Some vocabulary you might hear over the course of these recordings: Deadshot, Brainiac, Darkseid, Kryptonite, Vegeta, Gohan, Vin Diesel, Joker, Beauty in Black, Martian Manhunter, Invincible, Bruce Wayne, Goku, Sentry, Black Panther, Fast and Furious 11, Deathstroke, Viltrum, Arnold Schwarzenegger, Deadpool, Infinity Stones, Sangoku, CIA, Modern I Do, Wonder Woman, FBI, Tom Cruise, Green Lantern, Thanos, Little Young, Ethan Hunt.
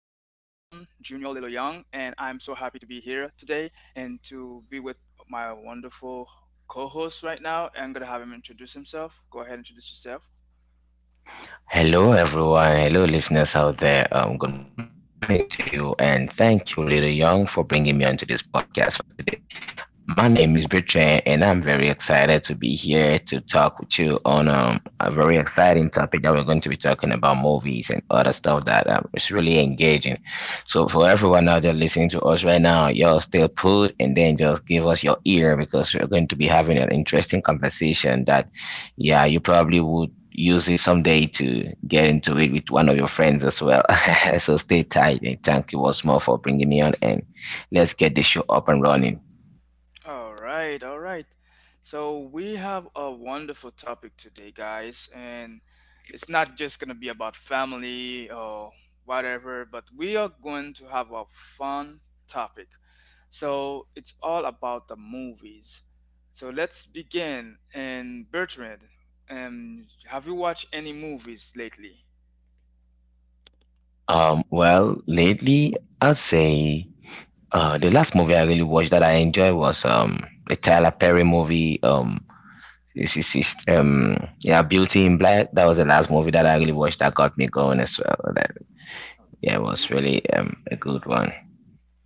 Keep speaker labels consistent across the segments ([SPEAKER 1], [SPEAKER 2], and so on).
[SPEAKER 1] Young, and I'm so happy to be here today and to be with my wonderful co host right now. I'm going to have him introduce himself. Go ahead, and introduce yourself.
[SPEAKER 2] Hello, everyone. Hello, listeners out there. Good morning to you, and thank you, Little Young, for bringing me onto this podcast for today. My name is Bertrand, and I'm very excited to be here to talk with you on a very exciting topic that we're going to be talking about movies and other stuff that is really engaging. So, for everyone out there listening to us right now, y'all still put and then just give us your ear because we're going to be having an interesting conversation that, yeah, you probably would use it someday to get into it with one of your friends as well. So, stay tight and thank you once more for bringing me on, and let's get the show up and running.
[SPEAKER 1] All right, all right. So we have a wonderful topic today, guys, and it's not just gonna be about family or whatever, but we are going to have a fun topic. So it's all about the movies. So let's begin. And Bertrand, have you watched any movies lately?
[SPEAKER 2] Lately, I'd say the last movie I really watched that I enjoy was the Tyler Perry movie. It's, it's, it's, um, yeah, Beauty in Black. That was the last movie that I really watched that got me going as well. That yeah, it
[SPEAKER 1] You
[SPEAKER 2] was
[SPEAKER 1] did.
[SPEAKER 2] really a good one.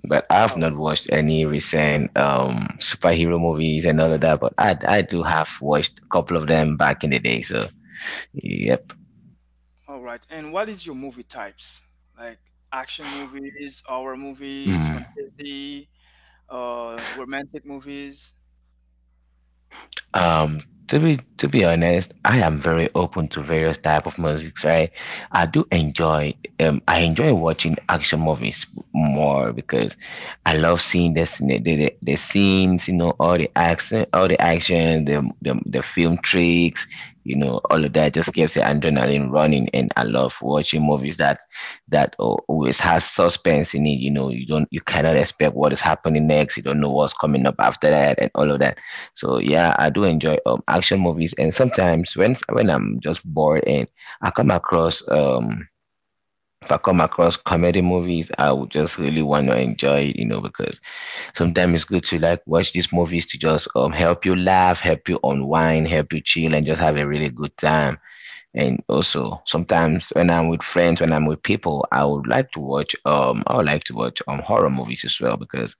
[SPEAKER 2] But I've
[SPEAKER 1] Oh,
[SPEAKER 2] not watched any recent superhero movies and all of that. But I do have watched a couple of them back in the day. So yep.
[SPEAKER 1] all right. And what is your movie types? Like action movies, horror movies,
[SPEAKER 2] Mm.
[SPEAKER 1] fantasy? Romantic movies?
[SPEAKER 2] Um, to be honest, I am very open to various type of music, right? I do enjoy I enjoy watching action movies more because I love seeing the scenes, you know, all the action, the film tricks, you know, all of that just keeps the adrenaline running, and I love watching movies that always has suspense in it. You know, you cannot expect what is happening next, you don't know what's coming up after that, and all of that. So yeah, I do enjoy action movies, and sometimes when I'm just bored and I come across if I come across comedy movies, I would just really want to enjoy it, you know, because sometimes it's good to like watch these movies to just help you laugh, help you unwind, help you chill, and just have a really good time. And also sometimes when I'm with friends, when I'm with people, I would like to watch horror movies as well because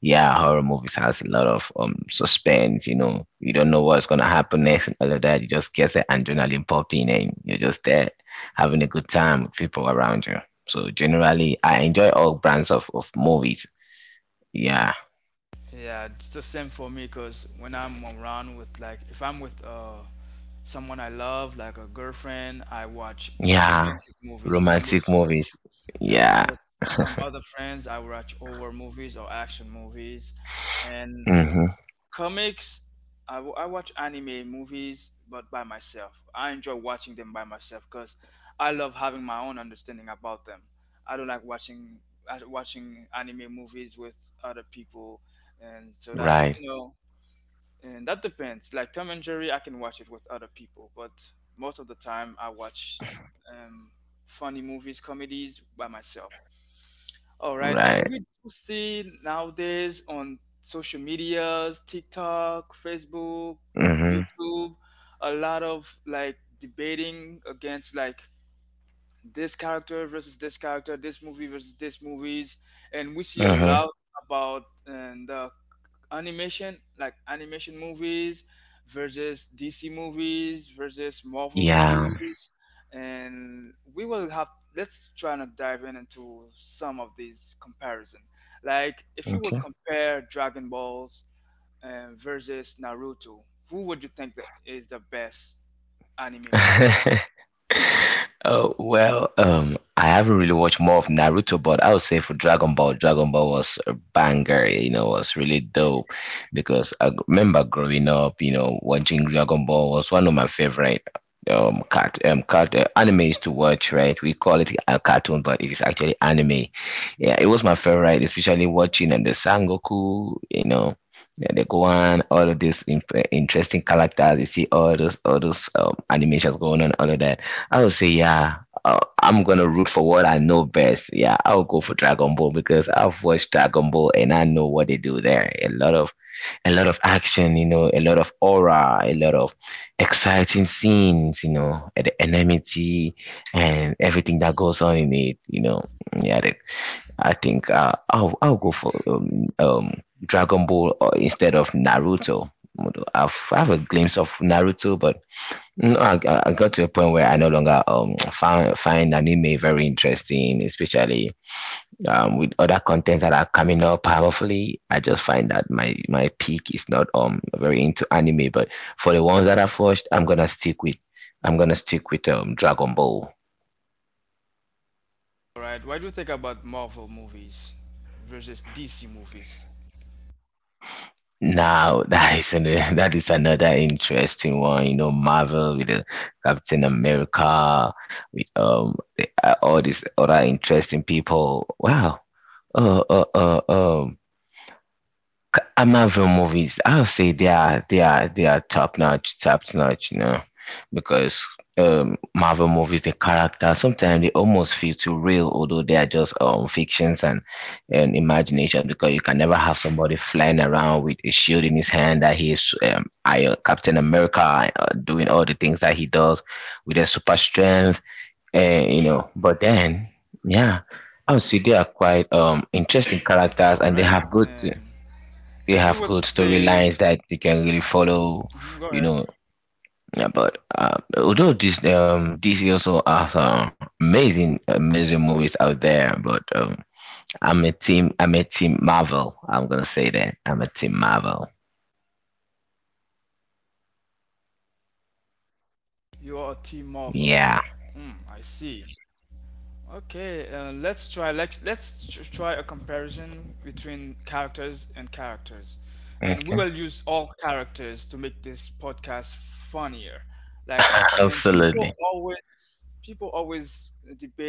[SPEAKER 2] yeah, horror movies has a lot of suspense, you know. You don't know what's gonna happen next and all of that. You just get the adrenaline popping and you're just there having a good time with people around you. So generally I enjoy all brands of movies. Yeah.
[SPEAKER 1] Yeah, it's the same for me, because when I'm around with, like, if I'm with someone I love, like a girlfriend, I watch
[SPEAKER 2] Yeah.
[SPEAKER 1] romantic movies. When I'm with,
[SPEAKER 2] Romantic movies.
[SPEAKER 1] yeah, when I'm
[SPEAKER 2] Yeah.
[SPEAKER 1] with some other friends, I watch horror movies or action movies and
[SPEAKER 2] Mm-hmm.
[SPEAKER 1] comics. I watch anime movies, but by myself. I enjoy watching them by myself because I love having my own understanding about them. I don't like watching watching anime movies with other people, and so that,
[SPEAKER 2] Right.
[SPEAKER 1] you know. And that depends, like Tom and Jerry I can watch it with other people, but most of the time I watch um, funny movies, comedies, by myself. All right, and
[SPEAKER 2] Right.
[SPEAKER 1] we do see nowadays on social medias, TikTok, Facebook,
[SPEAKER 2] Mm-hmm.
[SPEAKER 1] YouTube, a lot of like debating against like this character versus this character, this movie versus this movies, and we see a
[SPEAKER 2] Mm-hmm.
[SPEAKER 1] lot about, and the animation, like animation movies versus DC movies versus Marvel
[SPEAKER 2] Yeah.
[SPEAKER 1] movies, and we will have. Let's try to dive in into some of these comparison. Like if you would
[SPEAKER 2] OK.
[SPEAKER 1] compare Dragon Balls versus Naruto, who would you think that is the best anime movie?
[SPEAKER 2] I haven't really watched more of Naruto, but I would say for Dragon Ball, Dragon Ball was a banger. You know, was really dope because remember growing up. You know, watching Dragon Ball was one of my favorite cat cat animes to watch. Right, we call it a cartoon, but it is actually anime. Yeah, it was my favorite, especially watching the Sangoku. You know, yeah, the Gohan, all of these interesting characters. You see all those animations going on, all of that. I would say, yeah, I'm gonna root for what I know best. Yeah, I'll go for Dragon Ball because I've watched Dragon Ball and I know what they do there. A lot of action, you know, a lot of aura, a lot of exciting scenes, you know, and the enmity and everything that goes on in it, you know. Yeah, the, I think I'll go for um Dragon Ball or instead of Naruto. Although I have a glimpse of Naruto, but no, I got to a point where I no longer find anime very interesting, especially with other content that are coming up powerfully. I just find that my peak is not very into anime, but for the ones that I've watched, I'm gonna stick with Dragon Ball.
[SPEAKER 1] All right, what do you think about Marvel movies versus DC movies?
[SPEAKER 2] Now that is another interesting one, you know, Marvel with the Captain America, with all these other interesting people. Wow. Oh, oh, oh, Marvel movies, I'll say they are they are top notch, you know, because Marvel movies, the characters sometimes they almost feel too real, although they are just fictions and imagination, because you can never have somebody flying around with a shield in his hand that he is Captain America doing all the things that he does with a super strength, and you know, but then
[SPEAKER 1] All right,
[SPEAKER 2] yeah,
[SPEAKER 1] all right.
[SPEAKER 2] I would say they are
[SPEAKER 1] And
[SPEAKER 2] quite
[SPEAKER 1] if you
[SPEAKER 2] interesting
[SPEAKER 1] would
[SPEAKER 2] characters and
[SPEAKER 1] say,
[SPEAKER 2] they have good
[SPEAKER 1] mhm, go ahead,
[SPEAKER 2] storylines that they can really follow, you know. Yeah, but although this DC also has amazing movies out there, but I'm a team Marvel. I'm gonna say that I'm a team Marvel.
[SPEAKER 1] you are a team Marvel. Hmm, I
[SPEAKER 2] Yeah.
[SPEAKER 1] see. Okay, let's try, let's try a comparison between characters and characters, and we will use
[SPEAKER 2] Okay.
[SPEAKER 1] all characters to make this podcast funnier. Like, and people
[SPEAKER 2] Absolutely.
[SPEAKER 1] always people always debate, like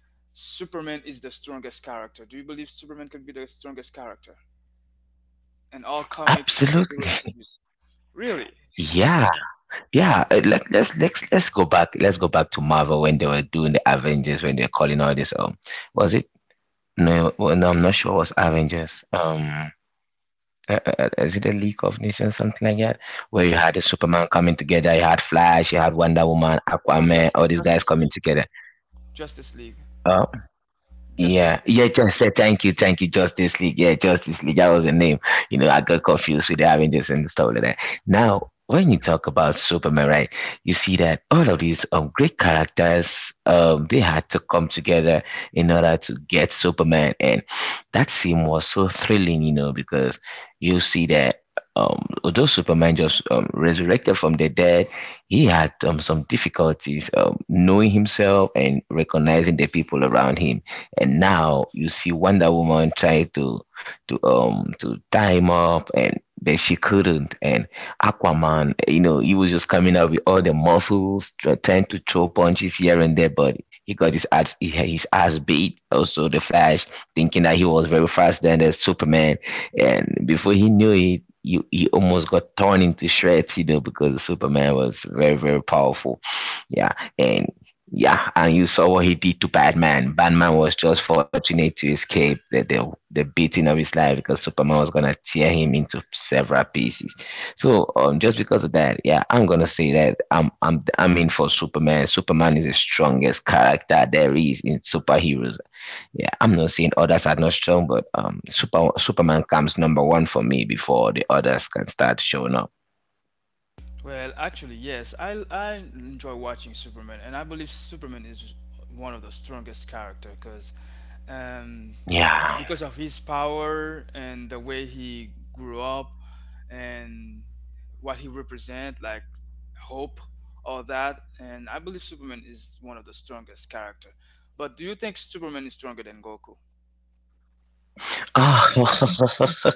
[SPEAKER 1] Superman is the strongest character. Do you believe Superman could be the strongest character? And all comics, superheroes,
[SPEAKER 2] Absolutely.
[SPEAKER 1] movies. Really?
[SPEAKER 2] Yeah. Yeah. Let's go back. Let's go back to Marvel when they were doing the Avengers when they were calling all this was it no well, no I'm not sure it was Avengers. Is it a League of Nations, something like that, where you had the Superman coming together, you had Flash, you had Wonder Woman, Aquaman,
[SPEAKER 1] That's
[SPEAKER 2] all these guys
[SPEAKER 1] Justice League.
[SPEAKER 2] coming together.
[SPEAKER 1] Justice League.
[SPEAKER 2] Uh,
[SPEAKER 1] Justice
[SPEAKER 2] yeah,
[SPEAKER 1] League.
[SPEAKER 2] yeah, just thank you, Justice League. Yeah, Justice League, that was the name. You know, I got confused with the Avengers and stuff like that. Now, when you talk about Superman, right, you see that all of these great characters they had to come together in order to get Superman, and that scene was so thrilling, you know, because you see that although Superman just resurrected from the dead, he had some difficulties knowing himself and recognizing the people around him. And now you see Wonder Woman try to to tie him up, and but she couldn't. And Aquaman, you know, he was just coming out with all the muscles, trying to throw punches here and there, but he had his ass beat. Also, the Flash, thinking that he was very faster than the Superman, and before he knew it, he almost got torn into shreds, you know, because Superman was very, very powerful. Yeah, and yeah, and you saw what he did to Batman. Batman was just fortunate to escape the beating of his life because Superman was gonna tear him into several pieces. So just because of that, yeah, I'm gonna say that I'm in for Superman. Superman is the strongest character there is in superheroes yeah, I'm not saying others are not strong, but Superman comes number one for me before the others can start showing up.
[SPEAKER 1] Well, actually, yes. I enjoy watching Superman, and I believe Superman is one of the strongest character because, um,
[SPEAKER 2] Yeah.
[SPEAKER 1] yeah, because of his power and the way he grew up, and what he represent, like hope, all that. And I believe Superman is one of the strongest character. But do you think Superman is stronger than Goku?
[SPEAKER 2] Oh,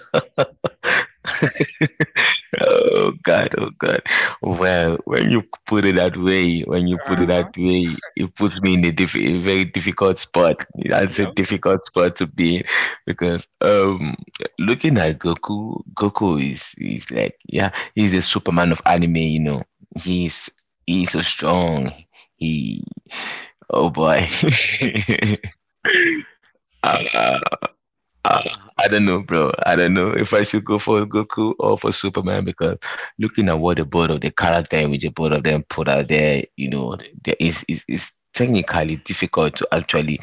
[SPEAKER 2] oh God, oh God. Well, when you put it that way, when you put it that
[SPEAKER 1] Uh
[SPEAKER 2] way, it puts me in a very difficult spot. That's a
[SPEAKER 1] huh.
[SPEAKER 2] difficult spot to be in because looking at Goku, Goku is like yeah, he's the Superman of anime. You know, he's he's so strong. He Oh boy. uh, uh, uh, I don't know, bro. I don't know if I should go for Goku or for Superman because looking at what the both of the character and which the both of them put out there, you know, there is technically difficult to actually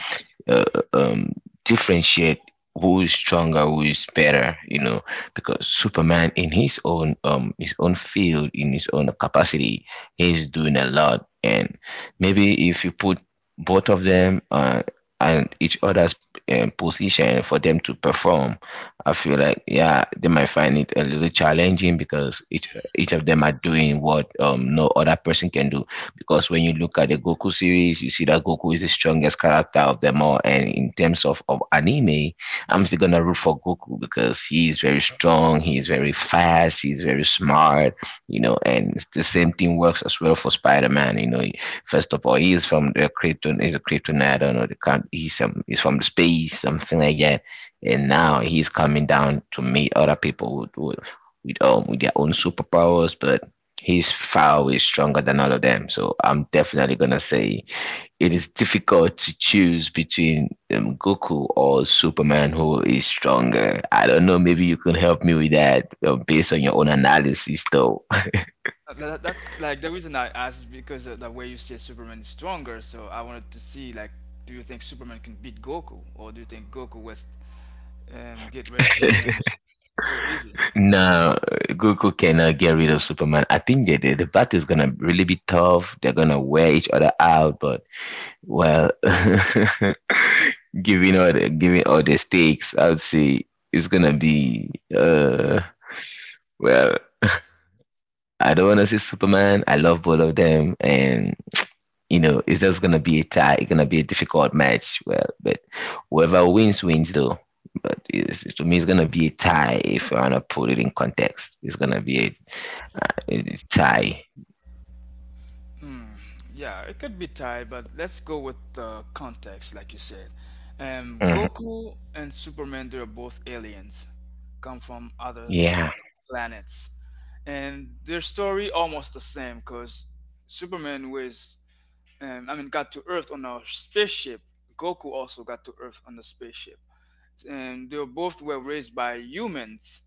[SPEAKER 2] uh, um differentiate who is stronger, who is better, you know, because Superman in his own field, in his own capacity, he's doing a lot. And maybe if you put both of them and each other's position for them to perform, I feel like yeah, they might find it a little challenging because each of them are doing what no other person can do. Because when you look at the Goku series, you see that Goku is the strongest character of them all, and in terms of anime, I'm still gonna root for Goku because he is very strong, he is very fast, he is very smart, you know, and it's the same thing works as well for Spider-Man. You know, first of all, he is from the Krypton, he's a Kryptonite, I don't know, he's from the space, something like that and now he's coming down to meet other people with their own superpowers, but he's far away stronger than all of them. So I'm definitely gonna say it is difficult to choose between Goku or Superman, who is stronger. I don't know. Maybe you can help me with that based on your own analysis, though.
[SPEAKER 1] That, that's like the reason I asked is because the way you say Superman is stronger. So I wanted to see, like, do you think Superman can beat Goku, or do you think Goku was get rid of Superman so easy?
[SPEAKER 2] No, Goku cannot get rid of Superman. I think that the battle is gonna really be tough. They're gonna wear each other out, but Well, given all the stakes, I would say it's gonna be well, I don't wanna say Superman. I love both of them, and it's just gonna be a tie. It's gonna be a difficult match. Well, but whoever wins wins though. But it's, to me, it's gonna be a tie. If I wanna put it in context, it's gonna be a tie.
[SPEAKER 1] Yeah, it could be tied, but let's go with the context, like you said.
[SPEAKER 2] Hmm.
[SPEAKER 1] Goku and Superman, they're both aliens, come from other
[SPEAKER 2] Yeah.
[SPEAKER 1] planets, and their story almost the same, cause Superman was I mean, got to Earth on a spaceship. Goku also got to Earth on the spaceship. And they both were raised by humans,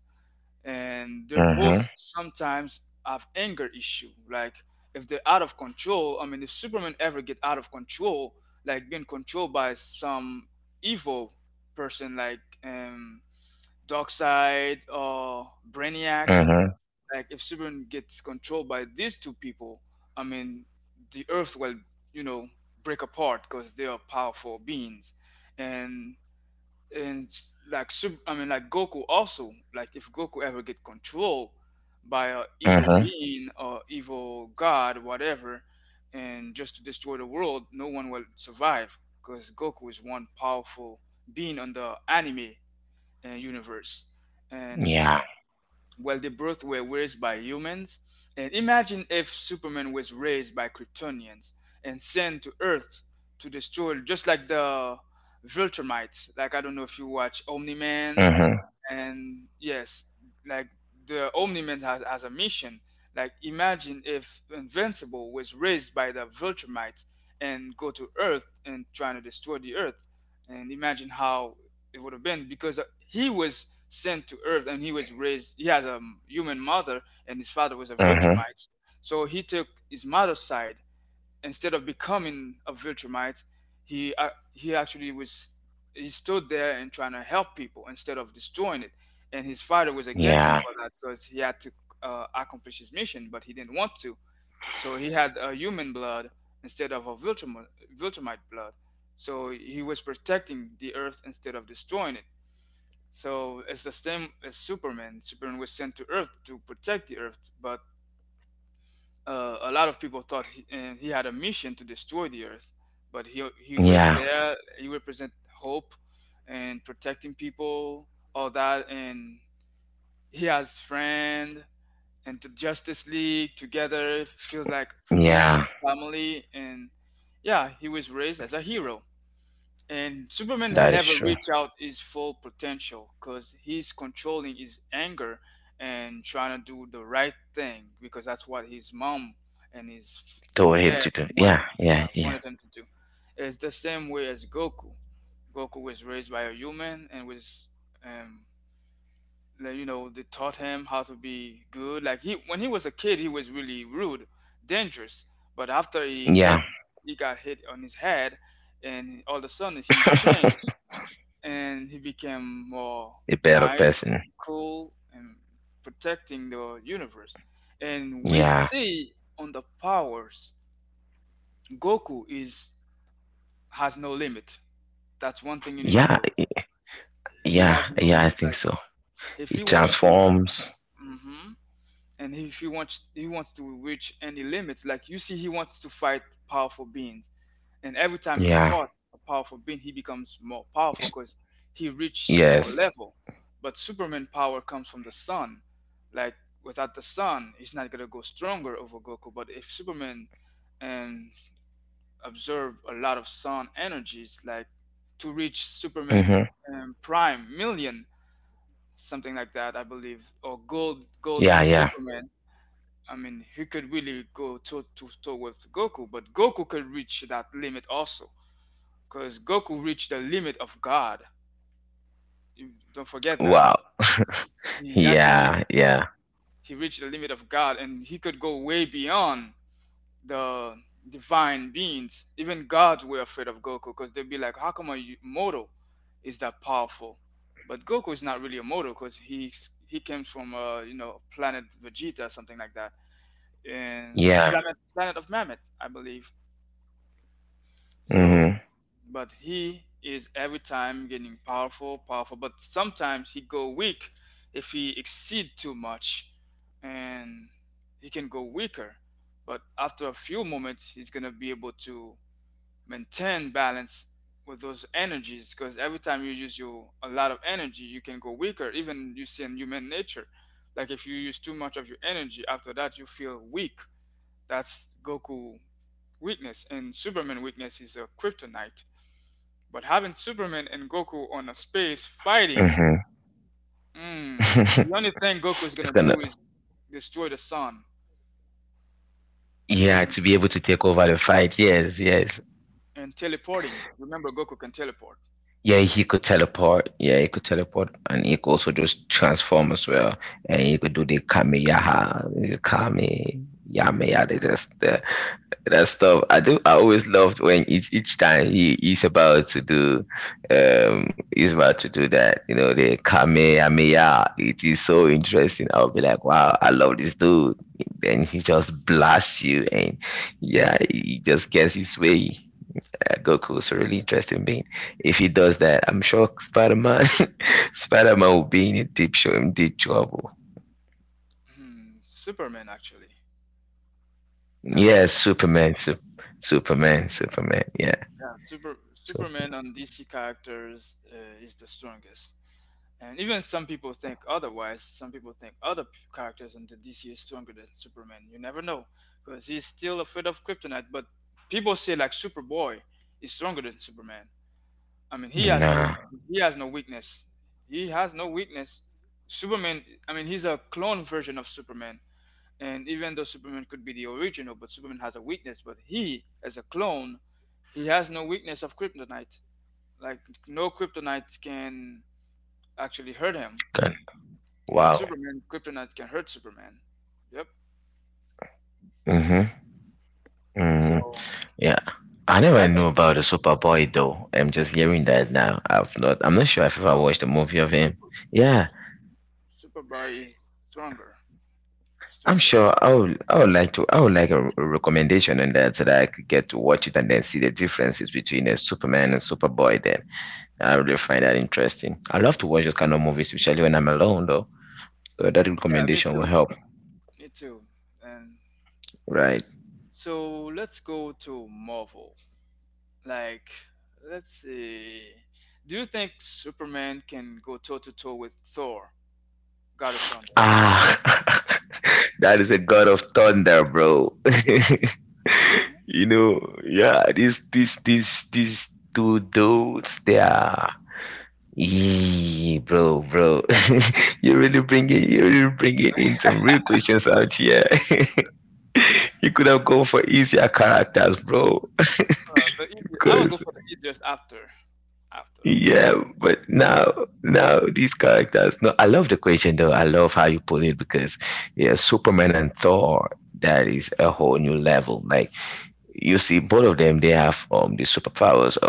[SPEAKER 1] and they both
[SPEAKER 2] Mm-hmm.
[SPEAKER 1] sometimes have anger issue. Like if they're out of control, I mean, if Superman ever get out of control, like being controlled by some evil person, like Darkseid or Brainiac,
[SPEAKER 2] Mm-hmm.
[SPEAKER 1] like if Superman gets controlled by these two people, I mean, the Earth will, you know, break apart because they are powerful beings, and and like I mean, like Goku also, like if Goku ever get controlled by a evil
[SPEAKER 2] Mm-hmm.
[SPEAKER 1] being or evil god, whatever, and just to destroy the world, no one will survive because Goku is one powerful being on the anime universe, and
[SPEAKER 2] Yeah.
[SPEAKER 1] well, the both were raised by humans, and imagine if Superman was raised by Kryptonians and sent to Earth to destroy, just like the Viltrumites. Like I don't know if you watch Omni Man
[SPEAKER 2] Mm-hmm.
[SPEAKER 1] and yes, like the omniman has a mission. Like imagine if invincible was raised by the viltrumites and go to earth and trying to destroy the earth, and imagine how it would have been, because he was sent to earth and he was raised, he has a human mother and his father was a
[SPEAKER 2] Mm-hmm.
[SPEAKER 1] viltrumite, so he took his mother's side instead of becoming a Viltrumite. He he actually was, he stood there and trying to help people instead of destroying it. And his father was against him
[SPEAKER 2] Yeah.
[SPEAKER 1] for that because he had to accomplish his mission, but he didn't want to. So he had a human blood instead of a Viltrumite blood. So he was protecting the Earth instead of destroying it. So it's the same as Superman. Superman was sent to Earth to protect the Earth, but a lot of people thought he, and he had a mission to destroy the earth, but he was
[SPEAKER 2] Yeah.
[SPEAKER 1] there. He represent hope and protecting people, all that, and he has friend, and the Justice League together feels like home,
[SPEAKER 2] Yeah,
[SPEAKER 1] family, and yeah, he was raised as a hero. And Superman had
[SPEAKER 2] that is
[SPEAKER 1] never
[SPEAKER 2] true.
[SPEAKER 1] reached out his full potential because he's controlling his anger and trying to do the right thing because that's what his mom and his
[SPEAKER 2] Told him to
[SPEAKER 1] dad
[SPEAKER 2] do. Yeah,
[SPEAKER 1] wanted,
[SPEAKER 2] yeah,
[SPEAKER 1] yeah,
[SPEAKER 2] yeah,
[SPEAKER 1] wanted him to do. It's the same way as Goku. Goku was raised by a human and was um, like you know, they taught him how to be good. Like he, when he was a kid, he was really rude, dangerous, but after he
[SPEAKER 2] yeah.
[SPEAKER 1] hit, he got hit on his head, and all of a sudden he changed, and he became more
[SPEAKER 2] A better
[SPEAKER 1] nice,
[SPEAKER 2] person.
[SPEAKER 1] cool, and protecting the universe. And we
[SPEAKER 2] Yeah,
[SPEAKER 1] see on the powers, goku is, has no limit. That's one thing you need to
[SPEAKER 2] yeah,
[SPEAKER 1] know. He has
[SPEAKER 2] yeah,
[SPEAKER 1] no
[SPEAKER 2] yeah, I
[SPEAKER 1] limit.
[SPEAKER 2] think
[SPEAKER 1] Like
[SPEAKER 2] so.
[SPEAKER 1] if he
[SPEAKER 2] It
[SPEAKER 1] wants to,
[SPEAKER 2] transforms.
[SPEAKER 1] mhm, and if he wants to reach any limits, like you see he wants to fight powerful beings, and every time he
[SPEAKER 2] Yeah,
[SPEAKER 1] fought a powerful being he becomes more powerful because he reached
[SPEAKER 2] Yes.
[SPEAKER 1] more level. But superman power comes from the sun, like without the sun he's not going to go stronger over goku. But if superman and absorb a lot of sun energies, like to reach
[SPEAKER 2] Mhm.
[SPEAKER 1] superman prime million something like that I believe, or
[SPEAKER 2] Yeah,
[SPEAKER 1] golden
[SPEAKER 2] yeah.
[SPEAKER 1] superman. I mean, he could really go toe to toe with Goku, but Goku could reach that limit also, because Goku reached the limit of God. You don't forget that
[SPEAKER 2] Wow.
[SPEAKER 1] he actually
[SPEAKER 2] Yeah, yeah,
[SPEAKER 1] he reached the limit of God, and he could go way beyond the divine beings. Even gods were afraid of Goku because they'd be like, "How come a mortal is that powerful?" But Goku is not really a mortal because he comes from a, you know, planet Vegeta something like that, and
[SPEAKER 2] yeah.
[SPEAKER 1] planet of Mamet, I believe. So,
[SPEAKER 2] Mhm.
[SPEAKER 1] but he is every time getting powerful. But sometimes he go weak if he exceed too much, and he can go weaker. But after a few moments, he's gonna be able to maintain balance with those energies, because every time you use your a lot of energy, you can go weaker. Even you see in human nature, like if you use too much of your energy, after that you feel weak. That's Goku weakness, and Superman weakness is a kryptonite. But having Superman and Goku on a space fighting,
[SPEAKER 2] Mhm.
[SPEAKER 1] mm, the only thing Goku is gonna
[SPEAKER 2] It's gonna.
[SPEAKER 1] do is destroy the sun
[SPEAKER 2] Yeah,
[SPEAKER 1] and
[SPEAKER 2] to be able to take over the fight. Yes, yes.
[SPEAKER 1] and teleporting. Remember, Goku can teleport.
[SPEAKER 2] Yeah, he could teleport. Yeah, he could teleport, and he could also just transform as well. And he could do the Kameyaha, Kame, Yameya,
[SPEAKER 1] Yeah,
[SPEAKER 2] that's the, that stuff. I do. I always loved when each time he is about to do, he's about to do that. You know, the Kamehameha. It is so interesting. I'll be like, wow, I love this dude. Then he just blasts you, and yeah, he just gets his way that Goku is a really interesting being. If he does that, I'm sure Spider Man will be in deep show in deep trouble.
[SPEAKER 1] hmm, Superman actually. Yeah,
[SPEAKER 2] Yeah, Superman, Superman, Superman. Yeah.
[SPEAKER 1] yeah,
[SPEAKER 2] So
[SPEAKER 1] Superman on DC characters is the strongest. And even some people think otherwise. Some people think other characters in the DC is stronger than Superman. You never know, because he's still afraid of Kryptonite. But people say like Superboy is stronger than Superman. I mean,
[SPEAKER 2] nah,
[SPEAKER 1] he has no weakness. He has no weakness. Superman. I mean, he's a clone version of Superman. And even though Superman could be the original, but Superman has a weakness. But he, as a clone, he has no weakness of kryptonite. Like no kryptonite can actually hurt him.
[SPEAKER 2] gun.
[SPEAKER 1] But
[SPEAKER 2] Wow.
[SPEAKER 1] Superman, kryptonite can hurt Superman. Yep.
[SPEAKER 2] Mhm. Mhm.
[SPEAKER 1] So
[SPEAKER 2] Yeah. I
[SPEAKER 1] I
[SPEAKER 2] never knew
[SPEAKER 1] think,
[SPEAKER 2] about the Superboy though. I'm just hearing that now. I'm not sure if I
[SPEAKER 1] oh,
[SPEAKER 2] watched a movie of him.
[SPEAKER 1] Super
[SPEAKER 2] Yeah.
[SPEAKER 1] Superboy is stronger,
[SPEAKER 2] I'm
[SPEAKER 1] stronger.
[SPEAKER 2] sure I would like to I would like a recommendation on that so that I could get to watch it and then see the differences between Superman and Superboy then. I really find that interesting. I love to watch those kind of movies, especially when I'm alone though. So that
[SPEAKER 1] Mm, yeah, me
[SPEAKER 2] recommendation will
[SPEAKER 1] too.
[SPEAKER 2] help.
[SPEAKER 1] Me too. And
[SPEAKER 2] Right.
[SPEAKER 1] so let's go to Marvel. Like, let's see. Do you think Superman can go toe to toe with Thor, God of Thunder?
[SPEAKER 2] Ah, that is a god of thunder, bro.
[SPEAKER 1] Hmm.
[SPEAKER 2] Yeah, these two dudes they are Yee, bro, bro. You're really bringing in some real questions out here. You could have gone for easier characters, bro.
[SPEAKER 1] The easy, I will go
[SPEAKER 2] Because,
[SPEAKER 1] for the easiest after. After.
[SPEAKER 2] yeah, but now, now these characters. No, I love the question though. I love how you put it because, yeah, Superman and Thor, that is a whole new level. Like, you see, both of them they have the superpowers,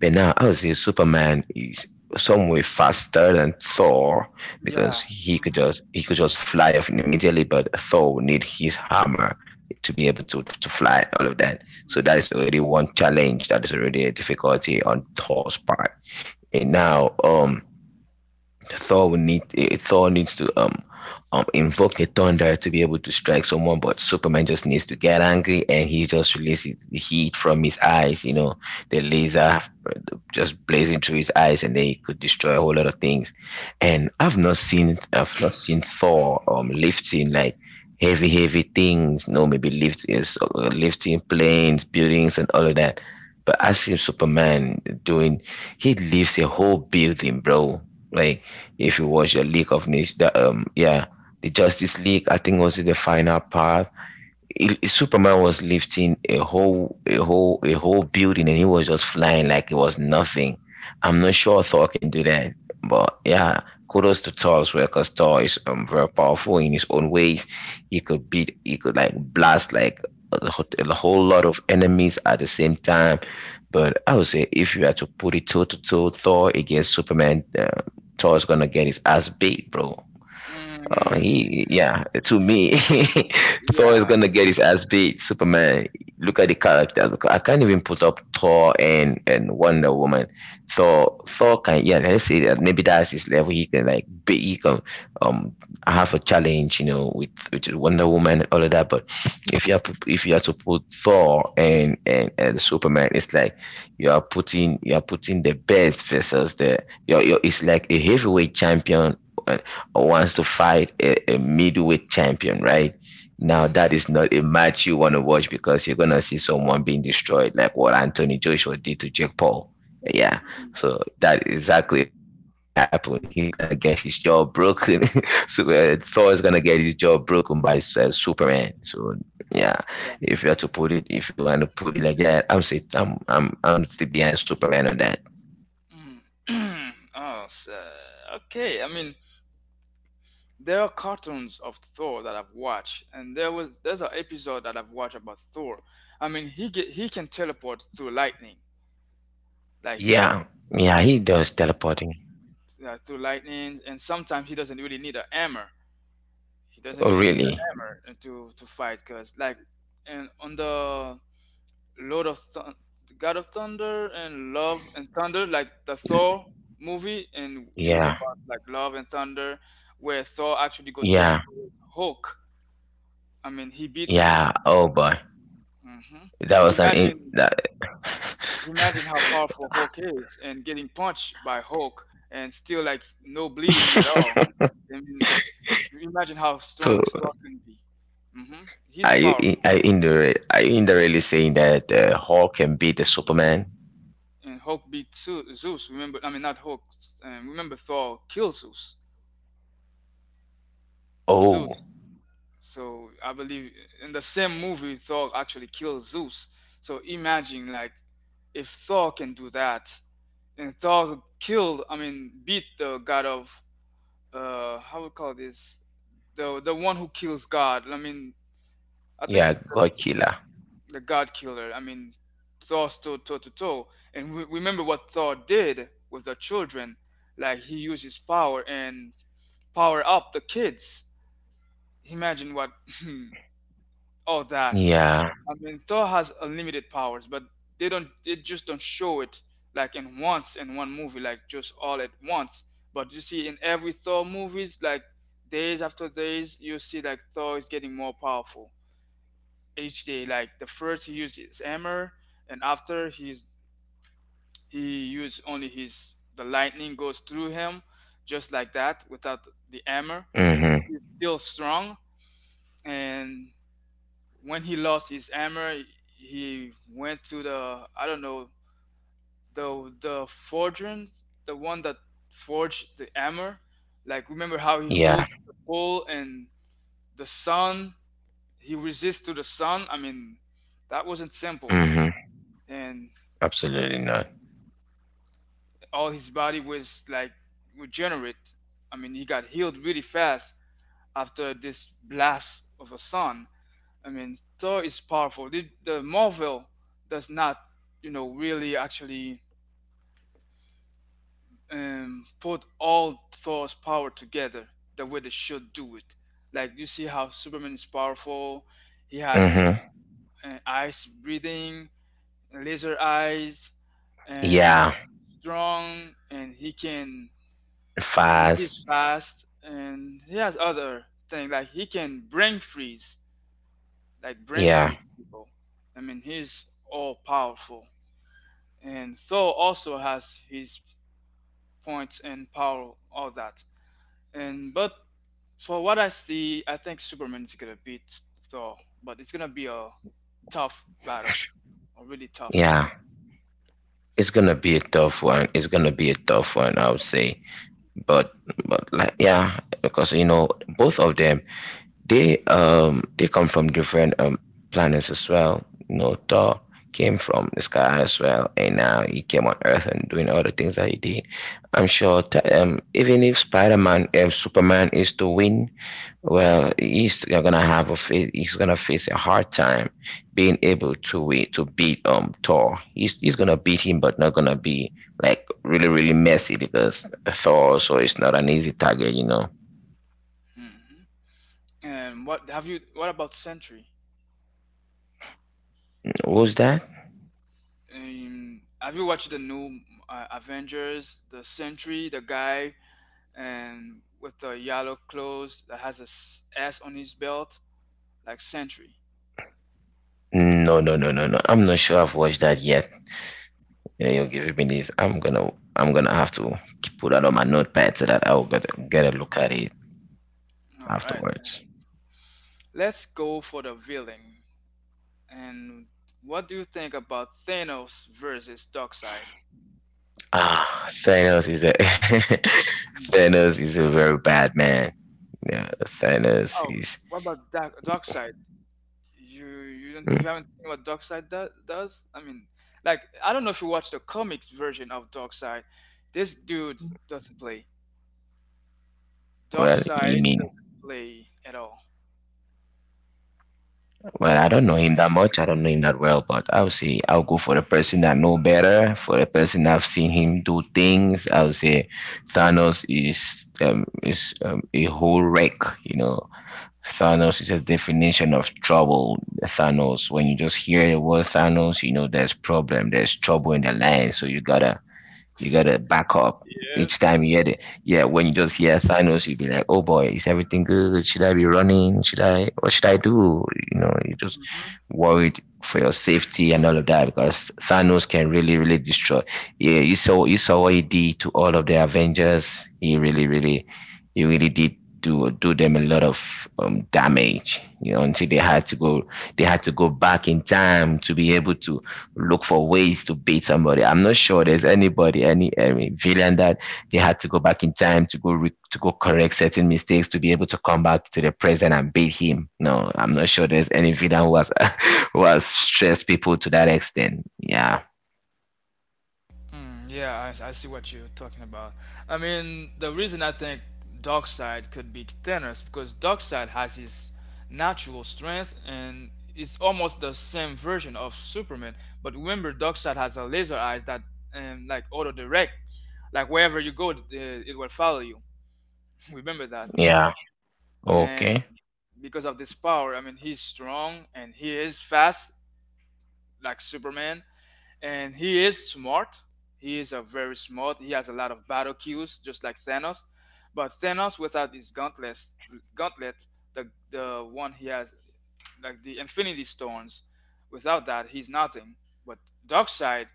[SPEAKER 2] but now I would say Superman is some way faster than Thor because
[SPEAKER 1] Yeah.
[SPEAKER 2] he could
[SPEAKER 1] Mm-hmm.
[SPEAKER 2] just he could just fly off immediately, but Thor would need his hammer to be able to fly all of that. So that is already one challenge. That is already a difficulty on Thor's part. And now, Thor would need eh, Thor needs to invoke the thunder to be able to strike someone, but Superman just needs to get angry and he just releases the heat from his eyes. You know, the laser just blazing through his eyes, and then he could destroy a whole lot of things. And I've not seen Thor lifting like heavy, heavy things. No, maybe lifting planes, buildings, and all of that. But I see Superman doing. He lifts a whole building, bro. Like if you watch a League of Nations, that yeah, the Justice League. I think was it the final part Superman was lifting a whole building and he was just flying like it was nothing. I'm not sure Thor can do that, but yeah, kudos to Thor as well because Thor is very powerful in his own ways. He could beat, he could like blast like a whole lot of enemies at the same time. But I would say if you had to put it toe to toe, Thor against Superman, Thor is gonna get his ass beat, bro.
[SPEAKER 1] Hmm.
[SPEAKER 2] Yeah, to me, Thor is
[SPEAKER 1] Yeah.
[SPEAKER 2] gonna get his ass beat. Superman, look at the character. Look, I can't even put up Thor and Wonder Woman. So Thor can, yeah, let's say that maybe that's his level. He can like be, he can um have a challenge, you know, with Wonder Woman and all of that. But if you have to put Thor and Superman, it's like you are putting the best versus the you you it's like a heavyweight champion and or wants to fight a middleweight champion, right? Now
[SPEAKER 1] Hmm.
[SPEAKER 2] that is not a match you want to watch because you're gonna see someone being destroyed, like what Anthony Joshua did to Jake Paul. Yeah, so that is exactly what's gonna happen. He's gonna get his jaw broken. So Thor is gonna get his jaw broken by Superman. So yeah,
[SPEAKER 1] Yeah.
[SPEAKER 2] if you have to put it, if you want to put it like that, I'm say, I'm still behind Superman on that.
[SPEAKER 1] Mm. Oh, so, okay. I mean, there are cartoons of Thor that I've watched, and there was, there's an episode that I've watched about Thor. I mean, he can teleport through lightning, like
[SPEAKER 2] Yeah, yeah,
[SPEAKER 1] I,
[SPEAKER 2] he does teleporting.
[SPEAKER 1] through lightning, and sometimes he doesn't really need a hammer. He doesn't
[SPEAKER 2] Oh
[SPEAKER 1] really need a
[SPEAKER 2] really?
[SPEAKER 1] hammer to fight, cause and on the Lord of Thun the God of Thunder and Love and Thunder, like the Thor movie, and it was
[SPEAKER 2] Yeah.
[SPEAKER 1] about like love and thunder, where Thor actually go toe to
[SPEAKER 2] Yeah,
[SPEAKER 1] toe with Hulk. I mean, he beat Hulk.
[SPEAKER 2] yeah. Oh boy,
[SPEAKER 1] hmm
[SPEAKER 2] that
[SPEAKER 1] And
[SPEAKER 2] was an in
[SPEAKER 1] imagine,
[SPEAKER 2] that.
[SPEAKER 1] imagine how powerful Hulk is, and getting punched by Hulk and still like no bleeding at all. I mean, imagine how
[SPEAKER 2] So
[SPEAKER 1] strong Thor can be. hmm He's
[SPEAKER 2] are you in,
[SPEAKER 1] powerful,
[SPEAKER 2] are you indirectly saying that the Hulk can beat the Superman?
[SPEAKER 1] and Hulk beat Zu- Zeus. Remember, I mean not Hulk. Remember Thor killed Zeus.
[SPEAKER 2] Oh,
[SPEAKER 1] Zeus. So I believe in the same movie, Thor actually kills Zeus. So imagine like if Thor can do that, and Thor killed, I mean, beat the god of how we call this, the one who kills god. I mean, I think
[SPEAKER 2] yeah, God killer.
[SPEAKER 1] the god killer. I mean, Thor stood toe to toe. And we, remember what Thor did with the children, like he used his power and power up the kids. Imagine what all that.
[SPEAKER 2] Yeah.
[SPEAKER 1] I mean, Thor has unlimited powers, but they don't. They just don't show it like in one movie, like just all at once. But you see, in every Thor movies, like days after days, you see like Thor is getting more powerful each day. Like the first he used his hammer, and after he used only his the lightning goes through him, just like that, without the hammer, and
[SPEAKER 2] Mm-hmm.
[SPEAKER 1] he's still strong. And when he lost his hammer, he went to the I don't know the forgeons, the one that forged the hammer. Like remember how he
[SPEAKER 2] Yeah.
[SPEAKER 1] holds the pole and the sun. He resists to the sun. I mean, that wasn't simple,
[SPEAKER 2] Mm-hmm.
[SPEAKER 1] and
[SPEAKER 2] Absolutely not.
[SPEAKER 1] all his body was like regenerate. I mean, he got healed really fast after this blast of a sun. I mean, Thor is powerful. The Marvel does not, really actually put all Thor's power together the way they should do it. Like you see how Superman is powerful. He has he,
[SPEAKER 2] Mm-hmm.
[SPEAKER 1] uh, ice breathing, laser eyes, and
[SPEAKER 2] Yeah.
[SPEAKER 1] strong, and he can. I mean,
[SPEAKER 2] Fast.
[SPEAKER 1] he's fast, and he has other thing like he can brain freeze, like brain
[SPEAKER 2] Yeah.
[SPEAKER 1] freeze people. I mean, he's all powerful. And Thor also has his points and power, all that. And but for what I see, I think Superman is gonna beat Thor, but it's gonna be a tough battle, a really tough one.
[SPEAKER 2] Yeah. It's gonna be a tough one. It's gonna be a tough one, I would say. But but like yeah, because you know both of them they they come from different planets as well. You know, Thor came from the sky as well, and now he came on Earth and doing all the things that he did. I'm sure that, even if Superman is to win, well, he's gonna face a hard time being able to win, to beat Thor. He's gonna beat him, but not gonna be like really really messy because Thor also is not an easy target. You know,
[SPEAKER 1] hmm And what have you? What about Sentry?
[SPEAKER 2] who's that?
[SPEAKER 1] Have you watched the new Avengers, the Sentry, the guy, and with the yellow clothes that has a S on his belt, like Sentry?
[SPEAKER 2] No, no, no, no, no, I'm not sure I've watched that yet. Yeah, you're giving
[SPEAKER 1] Mm.
[SPEAKER 2] me this. I'm gonna have to put that on my notepad so that I'll get a look at it
[SPEAKER 1] All right.
[SPEAKER 2] afterwards.
[SPEAKER 1] Let's go for the villain. And what do you think about Thanos versus Darkseid?
[SPEAKER 2] Ah, Thanos is a Thanos is a very bad man. Yeah, Thanos
[SPEAKER 1] Oh,
[SPEAKER 2] is.
[SPEAKER 1] what about Darkseid? You
[SPEAKER 2] Mm.
[SPEAKER 1] haven't seen what Darkseid does? I mean, like I don't know if you watch the comics version of Darkseid. This dude doesn't play.
[SPEAKER 2] Well, you
[SPEAKER 1] Darkseid
[SPEAKER 2] mean.
[SPEAKER 1] doesn't play at all.
[SPEAKER 2] Well, I don't know him that much. I don't know him that well, but I would say I'll go for the person that know better, for the person I've seen him do things. I would say Thanos is a whole wreck. You know, Thanos is
[SPEAKER 1] Mm.
[SPEAKER 2] a definition of trouble. Thanos, when you just hear the word Thanos, you know there's problem, there's trouble in the land. So you gotta back up
[SPEAKER 1] Yeah.
[SPEAKER 2] each time you hear it. Yeah, when you just hear signals, you'll be like, "Oh boy, is everything good? Should I be running? Should I? What should I do?" You know, you just worried for your safety and all of that because Thanos can really, really destroy. Yeah, you saw what he did to all of the Avengers. He really did do them a lot of damage. You know, until they had to go, they had to go back in time to be able to look for ways to beat somebody. I'm not sure there's anybody, any villain that they had to go back in time to to go correct certain mistakes to be able to come back to the present and beat him. No, I'm not sure there's any villain who has who has stressed people to that extent. Yeah,
[SPEAKER 1] Yeah, I see what you're talking about. I mean, the reason I think Darkseid could be thinner is because Darkseid has his natural strength and it's almost the same version of Superman. But remember, Darkseid has a laser eyes that like auto direct, like wherever you go, it will follow you. Remember that.
[SPEAKER 2] yeah,
[SPEAKER 1] And
[SPEAKER 2] okay,
[SPEAKER 1] because of this power, I mean, he's strong and he is fast, like Superman. And he is smart. He is a very smart. He has a lot of battle cues, just like Thanos. But Thanos, without gauntlet, the one he has, like the Infinity Stones, without that, he's nothing. But Darkseid,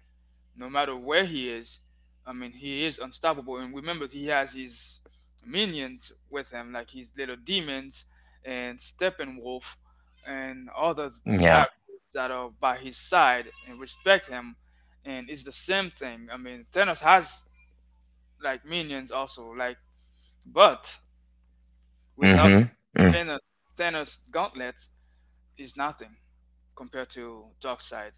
[SPEAKER 1] no matter where he is. I mean, he is unstoppable. And remember, he has his minions with him, like his little demons and Steppenwolf and other
[SPEAKER 2] yeah,
[SPEAKER 1] characters that are by his side and respect him. And it's the same thing. I mean, Thanos has like minions also, but without
[SPEAKER 2] mhm. Mm.
[SPEAKER 1] Thanos, Thanos gauntlets is nothing compared to Darkseid.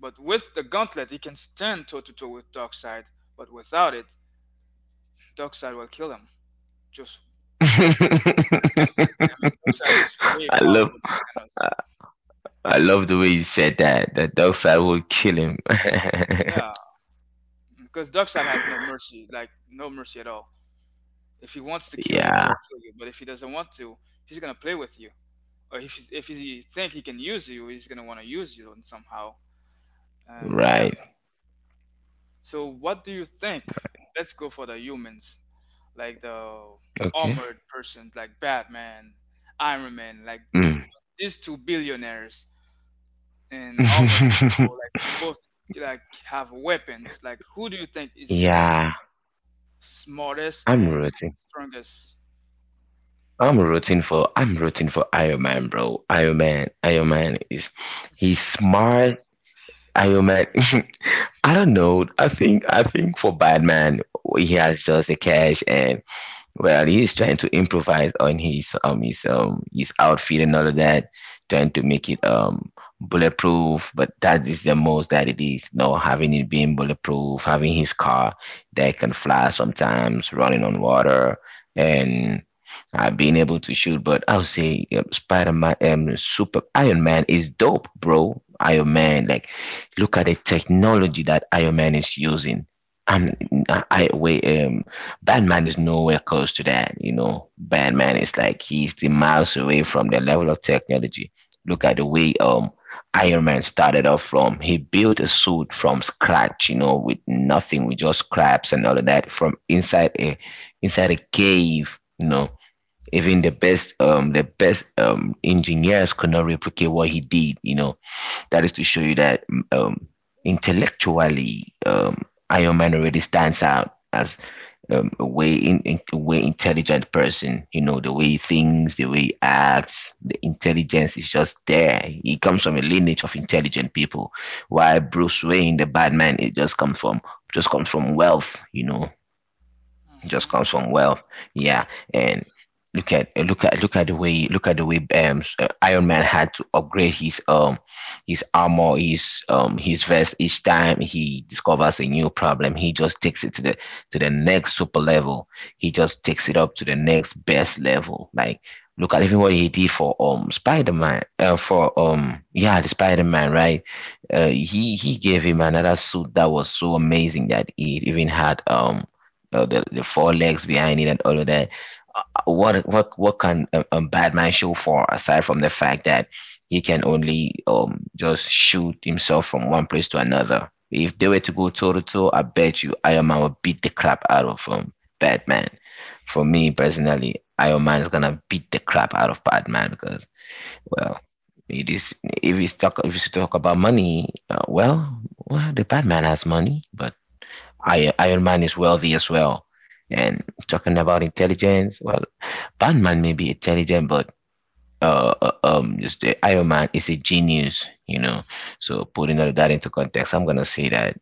[SPEAKER 1] But with the gauntlet, he can stand toe to toe with Darkseid. But without it, Darkseid will kill him. Just instantly. I mean, Darkseid is way
[SPEAKER 2] I love,
[SPEAKER 1] powerful than Thanos.
[SPEAKER 2] I love the way you said that. That dark side will kill him.
[SPEAKER 1] Yeah, because Darkseid has no mercy, like no mercy at all. If he wants to kill you, he
[SPEAKER 2] Yeah,
[SPEAKER 1] will kill you. But if he doesn't want to, he's gonna play with you. Or if he think he can use you, he's gonna want to use you on somehow. Yeah.
[SPEAKER 2] right.
[SPEAKER 1] So what do you think? Let's go for the humans, like the
[SPEAKER 2] Okay.
[SPEAKER 1] armored persons, like Batman, Iron Man, like
[SPEAKER 2] Mm.
[SPEAKER 1] these two billionaires and armored people. Like they both like have weapons. Like who do you think is the
[SPEAKER 2] Yeah,
[SPEAKER 1] smartest
[SPEAKER 2] I'm
[SPEAKER 1] and
[SPEAKER 2] rooting.
[SPEAKER 1] strongest?
[SPEAKER 2] I'm rooting for Iron Man, bro. Iron Man, Iron Man is he's smart. Iron Man. I don't know. I think for Batman, he has just the cash and well, he's trying to improvise on his outfit and all of that, trying to make it bulletproof. But that is the most that it is. No, having it being bulletproof, having his car that can fly sometimes, running on water, and being able to shoot. But I would say Spider Man, Super Iron Man is dope, bro. Iron Man, like, look at the technology that Iron Man is using. Um, I wait. Batman is nowhere close to that. You know, Batman is like he's the miles away from the level of technology. Look at the way Iron Man started off from. He built a suit from scratch, you know, with nothing, with just scraps and all of that from inside a inside a cave, you know. Even the best engineers could not replicate what he did, you know. That is to show you that um, intellectually, Iron Man already stands out as , in a way, intelligent person. You know the way he thinks, the way he acts, the intelligence is just there. He comes from a lineage of intelligent people. While Bruce Wayne, the bad man, it just comes from wealth. You know, just
[SPEAKER 1] hmm
[SPEAKER 2] comes from wealth. Yeah, and look at look at look at the way look at the way s- Iron Man had to upgrade his armor, his vest each time he discovers a new problem. He just takes it to the next super level. He just takes it up to the next best level. Like look at even what he did for Spider Man , for the Spider Man, right. He gave him another suit that was so amazing that it even had you know, the four legs behind it and all of that. What can a Batman show for aside from the fact that he can only just shoot himself from one place to another? If they were to go toe to toe, I bet you Iron Man would beat the crap out of Batman. For me personally, Iron Man is gonna beat the crap out of Batman because, well, it is. If you talk about money, well, the Batman has money, but Iron Man is wealthy as well. And talking about intelligence, well, Batman may be intelligent, but just the Iron Man is a genius, you know. So putting all that into context, I'm gonna say that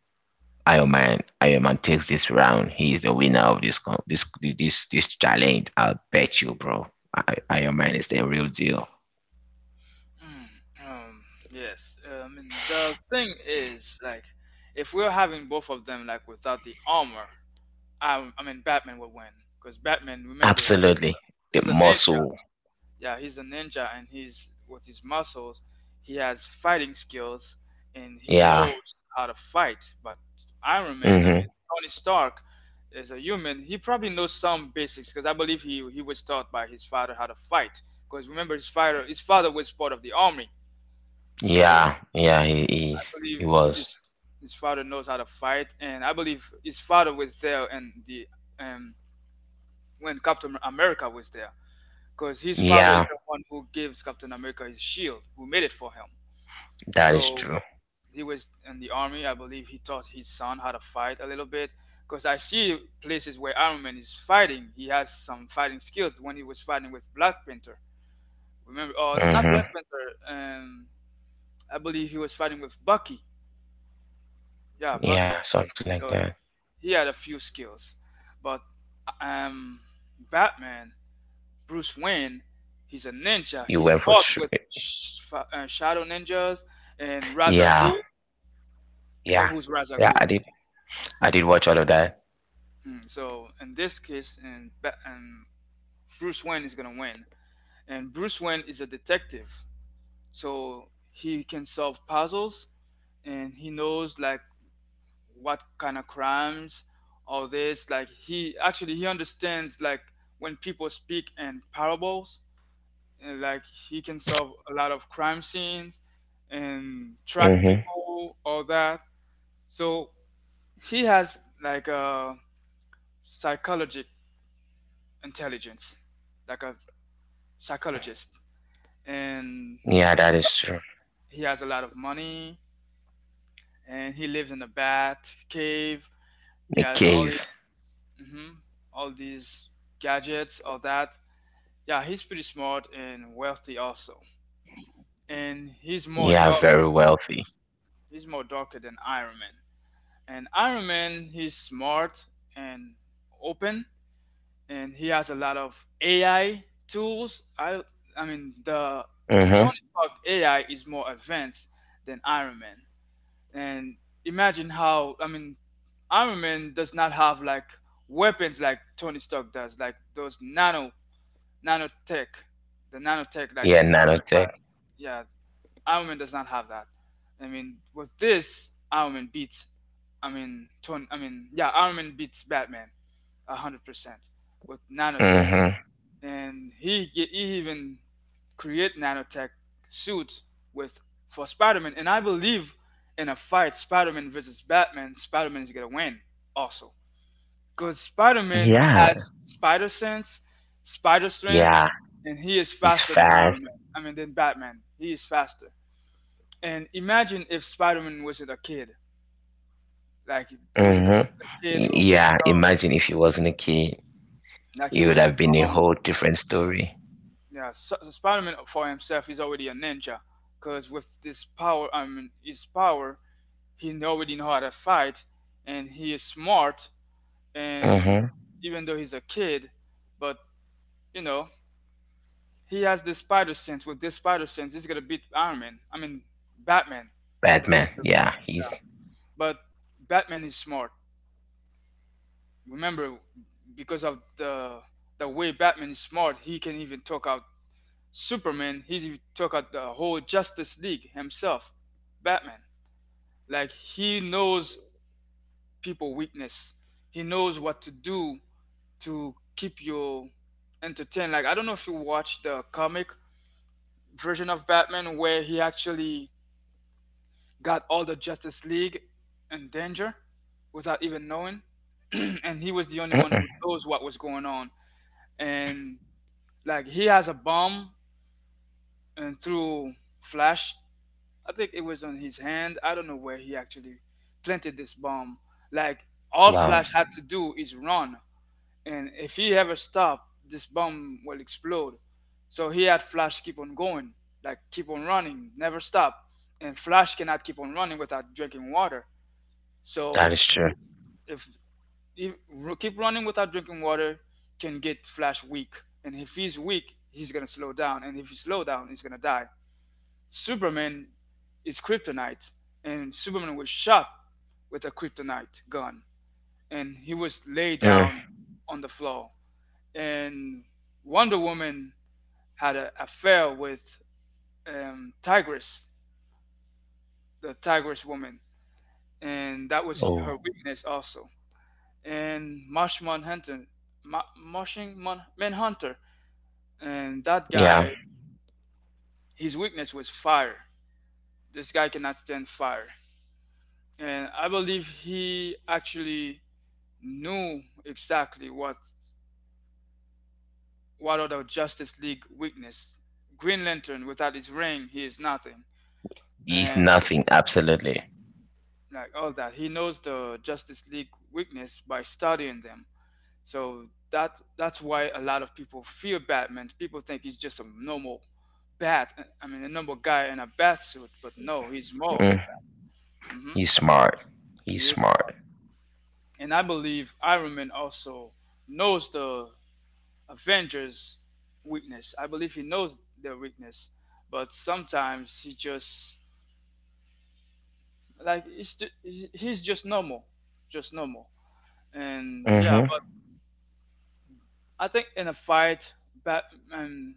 [SPEAKER 2] Iron Man takes this round. He is the winner of this con, this challenge. I'll bet you, bro. Iron Man is the real deal.
[SPEAKER 1] Um, yes. And the thing is, like, if we're having both of them, like, without the armor, I mean, Batman would win because Batman, remember,
[SPEAKER 2] Absolutely, the
[SPEAKER 1] he's a ninja.
[SPEAKER 2] muscle.
[SPEAKER 1] Yeah, he's a ninja, and he's with his muscles, he has fighting skills, and he
[SPEAKER 2] Yeah.
[SPEAKER 1] knows how to fight. But Iron Man, I mean,
[SPEAKER 2] Mm-hmm.
[SPEAKER 1] Tony Stark is a human. He probably knows some basics because I believe he was taught by his father how to fight. Because remember, his father was part of the army, so
[SPEAKER 2] Yeah. Yeah. He
[SPEAKER 1] I
[SPEAKER 2] is. He
[SPEAKER 1] believe
[SPEAKER 2] was.
[SPEAKER 1] his father knows how to fight, and I believe his father was there, and the um, when Captain America was there because his father is
[SPEAKER 2] Yeah.
[SPEAKER 1] the one who gives Captain America his shield, who made it for him.
[SPEAKER 2] That is
[SPEAKER 1] So
[SPEAKER 2] true.
[SPEAKER 1] he was in the army. I believe he taught his son how to fight a little bit. Because I see places where Iron Man is fighting. He has some fighting skills when he was fighting with Black Panther. Remember, oh, not Black
[SPEAKER 2] Mm-hmm.
[SPEAKER 1] Panther. I believe he was fighting with Bucky. Yeah, Bucky.
[SPEAKER 2] Yeah, something like
[SPEAKER 1] So
[SPEAKER 2] that.
[SPEAKER 1] he had a few skills, but um, Batman. Bruce Wayne. He's a ninja.
[SPEAKER 2] You
[SPEAKER 1] He
[SPEAKER 2] went for
[SPEAKER 1] fought
[SPEAKER 2] tr-
[SPEAKER 1] with shadow ninjas and
[SPEAKER 2] yeah,
[SPEAKER 1] Razagul. You know
[SPEAKER 2] yeah,
[SPEAKER 1] who's
[SPEAKER 2] yeah.
[SPEAKER 1] Razagul.
[SPEAKER 2] I did. I did watch all of that.
[SPEAKER 1] So in this case, and, Ba- and Bruce Wayne is gonna win. And Bruce Wayne is a detective, so he can solve puzzles, and he knows like what kind of crimes, all this. Like he understands like when people speak in parables, and like he can solve a lot of crime scenes and track
[SPEAKER 2] Mm-hmm.
[SPEAKER 1] people, all that. So he has like a psychologic intelligence, like a psychologist, and
[SPEAKER 2] Yeah, that is true.
[SPEAKER 1] he has a lot of money, and he lives in a bat cave. He
[SPEAKER 2] The
[SPEAKER 1] has all
[SPEAKER 2] cave.
[SPEAKER 1] his hmm all these gadgets, all that. Yeah, he's pretty smart and wealthy also, and
[SPEAKER 2] Yeah, very wealthy.
[SPEAKER 1] he's more darker than Iron Man. And Iron Man, he's smart and open, and he has a lot of AI tools. I mean, the
[SPEAKER 2] Mm-hmm.
[SPEAKER 1] Tony Stark AI is more advanced than Iron Man. And imagine how, I mean, Iron Man does not have like weapons like Tony Stark does, like those nanotech, the nanotech like
[SPEAKER 2] Yeah,
[SPEAKER 1] Iron, Man,
[SPEAKER 2] nanotech.
[SPEAKER 1] yeah, Ironman does not have that. I mean, with this, Ironman beats. I mean, Tony. I mean, Yeah, Ironman beats Batman 100% with nanotech,
[SPEAKER 2] Mm-hmm.
[SPEAKER 1] and he even create nanotech suit with for Spider-Man. And I believe in a fight, Spider-Man versus Batman, Spider-Man is gonna win also because Spider-Man
[SPEAKER 2] Yeah,
[SPEAKER 1] has spider sense, spider strength,
[SPEAKER 2] yeah.
[SPEAKER 1] and he is
[SPEAKER 2] He's
[SPEAKER 1] faster than
[SPEAKER 2] fast.
[SPEAKER 1] Iron Man. I mean, than Batman. He is faster. And imagine if Spider-Man wasn't a kid, like wasn't
[SPEAKER 2] Mm-hmm.
[SPEAKER 1] a kid or
[SPEAKER 2] Yeah.
[SPEAKER 1] goofing off,
[SPEAKER 2] Imagine if he wasn't a kid,
[SPEAKER 1] like he
[SPEAKER 2] it would
[SPEAKER 1] was
[SPEAKER 2] have been a
[SPEAKER 1] strong.
[SPEAKER 2] whole different story.
[SPEAKER 1] Yeah, so Spider-Man for himself is already a ninja, because with this power, I mean his power, he already know how to fight, and he is smart. And
[SPEAKER 2] Mm-hmm.
[SPEAKER 1] even though he's a kid, but you know he has this spider sense. With this spider sense, he's gonna beat Iron Man. I mean Batman, eventually.
[SPEAKER 2] Batman. Yeah,
[SPEAKER 1] Yeah,
[SPEAKER 2] he's.
[SPEAKER 1] but Batman is smart. Remember, because of the way Batman is smart, he can even talk out Superman. He even took out the whole Justice League himself. Batman, like he knows people weakness. He knows what to do to keep you entertained. Like I don't know if you watched the comic version of Batman where he actually got all the Justice League in danger without even knowing, and he was the only one
[SPEAKER 2] Mm-mm.
[SPEAKER 1] who knows what was going on. And like he has a bomb and through flash. I think it was on his hand. I don't know where he actually planted this bomb. Like all
[SPEAKER 2] Wow,
[SPEAKER 1] Flash had to do is run, and if he ever stopped, this bomb will explode. So he had Flash keep on going, like keep on running, never stop. And Flash cannot keep on running without drinking water.
[SPEAKER 2] that
[SPEAKER 1] So
[SPEAKER 2] is true.
[SPEAKER 1] if if, ru- keep running without drinking water can get Flash weak. And if he's weak, he's gonna slow down. And if he slow down, he's gonna die. Superman is kryptonite, and Superman was shot with a kryptonite gun, and he was laid
[SPEAKER 2] Mm.
[SPEAKER 1] down on the floor. And Wonder Woman had an affair with Tigress, the Tigress woman, and that was
[SPEAKER 2] Oh,
[SPEAKER 1] her weakness also. And Marshman Hunter, Manhunter. And that
[SPEAKER 2] yeah.
[SPEAKER 1] guy, his weakness was fire. This guy cannot stand fire. And I believe he actually knew exactly what are the Justice League weakness. Green Lantern without his ring, he is nothing.
[SPEAKER 2] He's
[SPEAKER 1] And
[SPEAKER 2] nothing. Absolutely.
[SPEAKER 1] like all that. He knows the Justice League weakness by studying them. So that's why a lot of people fear Batman. People think he's just a normal bat. I mean, a normal guy in a bat suit, but no, he's more to
[SPEAKER 2] Mm,
[SPEAKER 1] that.
[SPEAKER 2] he's smart. He's
[SPEAKER 1] He is
[SPEAKER 2] smart.
[SPEAKER 1] smart. And I believe Iron Man also knows the Avengers' weakness. I believe he knows their weakness. But sometimes he just, like, he's, ju- he's just normal. Just normal. And yeah,
[SPEAKER 2] Hmm.
[SPEAKER 1] but I think in a fight, Batman,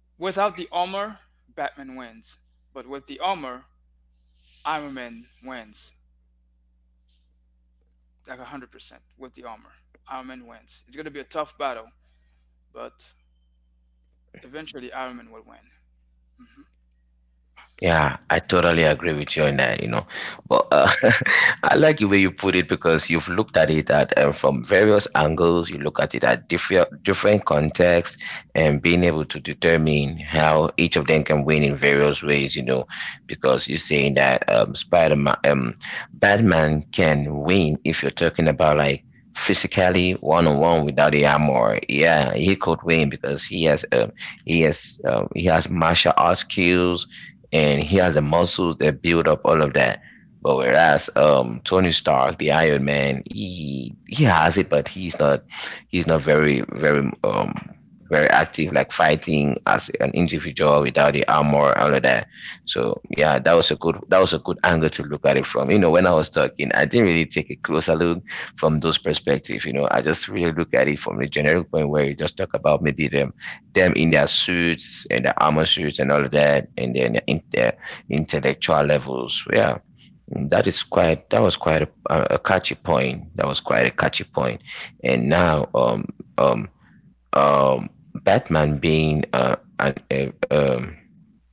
[SPEAKER 1] without the armor, Batman wins. But with the armor, Iron Man wins. Like 100% with the armor. Iron Man wins. It's going to be a tough battle, but eventually Iron Man will win.
[SPEAKER 2] Yeah, I totally agree with you on that, you know. But I like the way you put it because you've looked at it at from various angles. You look at it at different contexts and being able to determine how each of them can win in various ways, you know, because you're saying that Spider-Man, Batman can win if you're talking about like physically one-on-one without the armor. Yeah, he could win because he has martial arts skills and he has the muscles that build up all of that. But whereas Tony Stark, the Iron Man, he has it, but he's not very very active like fighting as an individual without the armor all of that. So yeah, that was a good angle to look at it from. You know, when I was talking, I didn't really take a closer look from those perspective. You know, I just really look at it from the generic point where you just talk about maybe them in their suits and their armor suits and all of that, and then in their intellectual levels. Yeah, mm, that is quite. That was quite a catchy point. That was quite a catchy point. And now, um, um, Batman being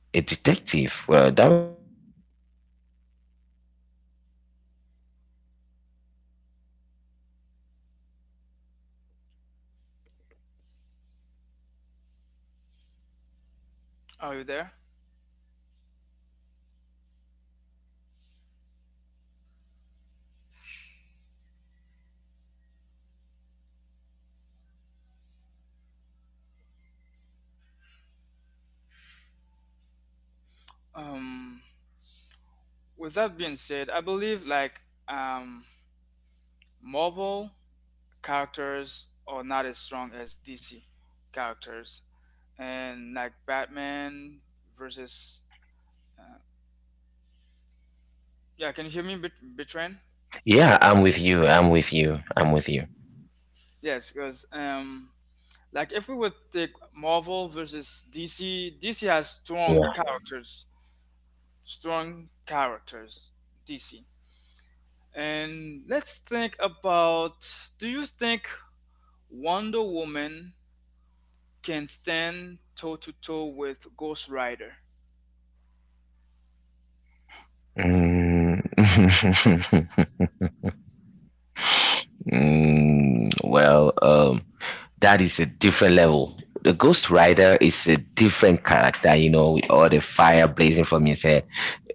[SPEAKER 2] a detective. Well, that did work out for him to be good. It did work out for him because he did well. You know, he did absolutely well investigating these people,
[SPEAKER 1] Are
[SPEAKER 2] catching
[SPEAKER 1] you there?
[SPEAKER 2] them. Though he had a challenge when he met the Joker. Yeah, the Joker really put up some hard time for him, you know. But well, the Batman being Batman, he just managed to do what he does, and I feel like that did work for him.
[SPEAKER 1] Um,
[SPEAKER 2] That worked
[SPEAKER 1] with
[SPEAKER 2] for
[SPEAKER 1] that
[SPEAKER 2] his
[SPEAKER 1] being said, I
[SPEAKER 2] advantage,
[SPEAKER 1] believe
[SPEAKER 2] and the end was
[SPEAKER 1] um,
[SPEAKER 2] good. I would say
[SPEAKER 1] Marvel
[SPEAKER 2] the end was good.
[SPEAKER 1] characters are not as strong as DC characters, and like Batman versus yeah. Can you hear me, Betran?
[SPEAKER 2] Yeah, I'm with you. I'm with you. I'm with you.
[SPEAKER 1] Yes, because like if we would take Marvel versus DC, DC has strong
[SPEAKER 2] Yeah.
[SPEAKER 1] characters, strong characters. DC, and let's think about. Do you think Wonder Woman can stand toe to toe with Ghost Rider?
[SPEAKER 2] Mm. Mm, well, that is a different level. The Ghost Rider is a different character, you know, with all the fire blazing from his head.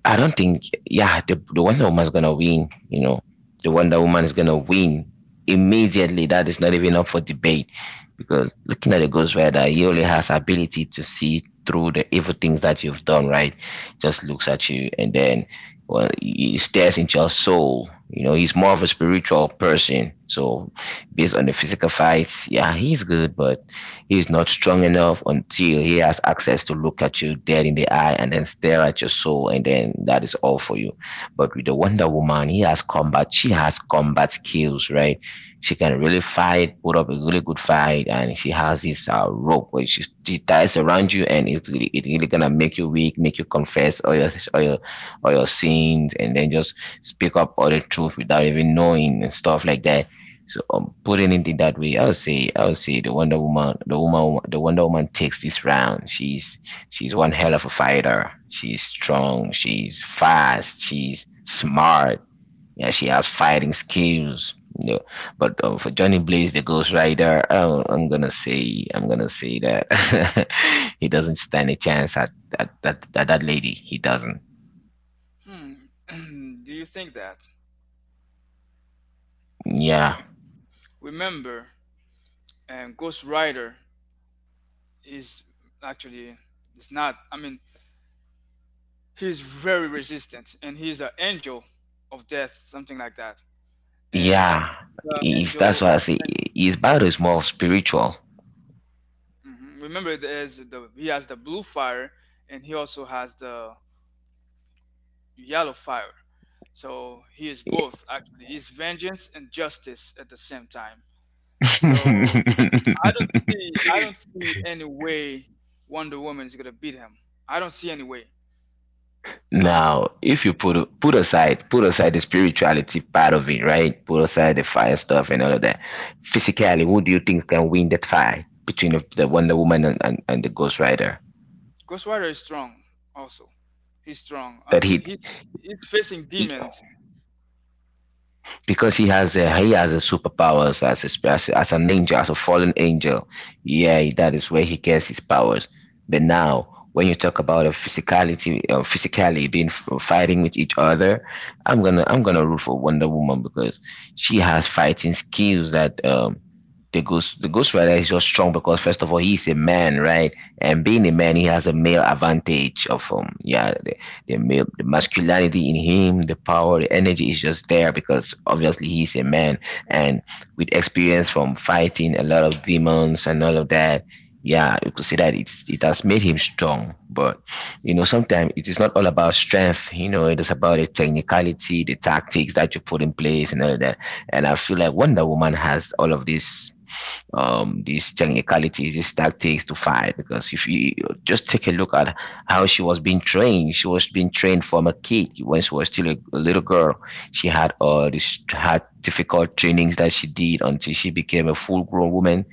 [SPEAKER 2] I don't think, yeah, the Wonder Woman's gonna win, you know. The Wonder Woman is gonna win immediately. That is not even up for debate because looking at the Ghost Rider, he only has ability to see through the evil things that you've done, right? Just looks at you and then, well, he stares into your soul. You know, he's more of a spiritual person, so based on the physical fights. Yeah, he's good, but he's not strong enough until he has access to look at you dead in the eye and then stare at your soul, and then that is all for you. But with the Wonder Woman, he has combat. She has combat skills, right? She can really fight, put up a really good fight, and she has this rope where she ties around you, and it really gonna make you weak, make you confess all your sins, and then just speak up all the truth without even knowing and stuff like that. So putting it in that way, I would say the Wonder Woman, the Wonder Woman takes this round. She's one hell of a fighter. She's strong. She's fast. She's smart. Yeah, she has fighting skills. You know. But for Johnny Blaze, the Ghost Rider, oh, I'm gonna say that he doesn't stand a chance at that lady. He doesn't.
[SPEAKER 1] Hmm, do you think that?
[SPEAKER 2] Yeah,
[SPEAKER 1] Remember, and Ghost Rider is actually it's not. I mean, he's very resistant, and he's an angel of death, something like that, and
[SPEAKER 2] yeah.
[SPEAKER 1] the angel
[SPEAKER 2] That's why
[SPEAKER 1] of
[SPEAKER 2] I say
[SPEAKER 1] vengeance.
[SPEAKER 2] his battle is more spiritual.
[SPEAKER 1] Mhm. Remember, there's the he has the blue fire, and he also has the yellow fire. So he is both actually. He's vengeance and justice at the same time. So I don't see any way Wonder Woman is gonna beat him. I don't see any way, honestly.
[SPEAKER 2] Now, if you put aside the spirituality part of it, right? Put aside the fire stuff and all of that. Physically, who do you think can win that fight between the Wonder Woman and the Ghost Rider?
[SPEAKER 1] Ghost Rider is strong also. He's strong. I
[SPEAKER 2] That
[SPEAKER 1] mean
[SPEAKER 2] hit.
[SPEAKER 1] he's facing demons.
[SPEAKER 2] Because he has a superpowers as as an angel, as a fallen angel. Yeah, that is where he gets his powers. But now when you talk about a physicality, physically being fighting with each other, I'm gonna root for Wonder Woman because she has fighting skills that, the Ghost Rider is just strong because first of all, he's a man, right? And being a man, he has a male advantage of, the male, the masculinity in him, the power, the energy is just there because obviously he's a man. And with experience from fighting a lot of demons and all of that, yeah, you could say that it has made him strong. But you know, sometimes it is not all about strength. You know, it is about the technicality, the tactics that you put in place and all of that. And I feel like Wonder Woman has all of this, these technicalities, these tactics to fight. Because if you just take a look at how she was being trained, she was being trained from a kid when she was still a little girl. She had all this had difficult trainings that she did until she became a full grown woman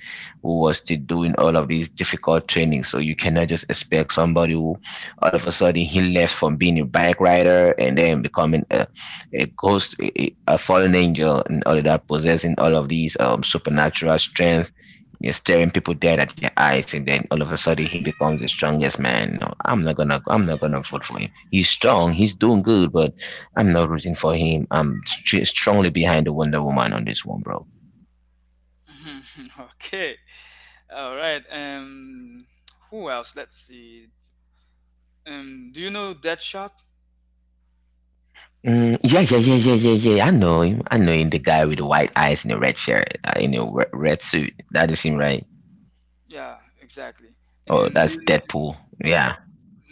[SPEAKER 2] who was still doing all of these difficult trainings. So you cannot just expect somebody who all of a sudden he left from being a bike rider and then becoming a fallen angel, and all of that, possessing all of these supernatural strength. You're staring people dead at your eyes, and then all of a sudden he becomes the strongest man. No, I'm not gonna vote for him. He's strong, he's doing good, but I'm not rooting for him. I'm strongly behind the Wonder Woman on this one, bro.
[SPEAKER 1] Okay. All right. Um, who else? Let's see. Um, do you know Deadshot?
[SPEAKER 2] Mm, yeah, yeah, yeah, yeah, yeah, yeah. I know him. I know him. The guy with the white eyes and the red shirt, in a red suit. That is him, right?
[SPEAKER 1] Yeah, exactly.
[SPEAKER 2] Oh,
[SPEAKER 1] And do
[SPEAKER 2] that's
[SPEAKER 1] you
[SPEAKER 2] Deadpool. Yeah.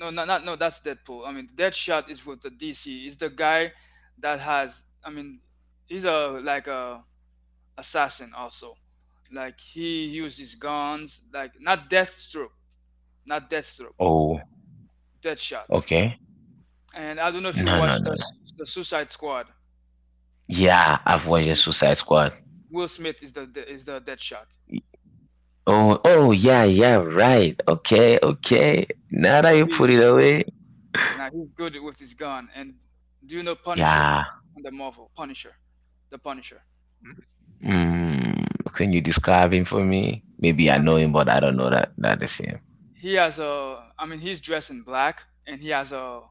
[SPEAKER 1] no not, not no, that's Deadpool. I mean Deadshot is with the DC. He's the guy that has I mean he's a like a assassin also. Like he uses guns, like not Deathstroke, not Deathstroke,
[SPEAKER 2] Oh,
[SPEAKER 1] Deadshot.
[SPEAKER 2] okay.
[SPEAKER 1] And I don't know if you
[SPEAKER 2] No, no,
[SPEAKER 1] watched
[SPEAKER 2] no.
[SPEAKER 1] the Suicide Squad.
[SPEAKER 2] Yeah, I've watched the Suicide Squad.
[SPEAKER 1] Will Smith is the Deadshot.
[SPEAKER 2] Oh, oh, yeah, yeah, right. Okay, okay. Now that
[SPEAKER 1] So
[SPEAKER 2] you put
[SPEAKER 1] he's
[SPEAKER 2] it away,
[SPEAKER 1] now he's good with his gun. And do you know Punisher
[SPEAKER 2] yeah.
[SPEAKER 1] in the Marvel? Punisher, the Punisher.
[SPEAKER 2] Mm, can you describe him for me? Maybe I
[SPEAKER 1] I
[SPEAKER 2] know
[SPEAKER 1] mean,
[SPEAKER 2] him, but I don't know that is him.
[SPEAKER 1] he has a. I mean, he's dressed in black, and he has a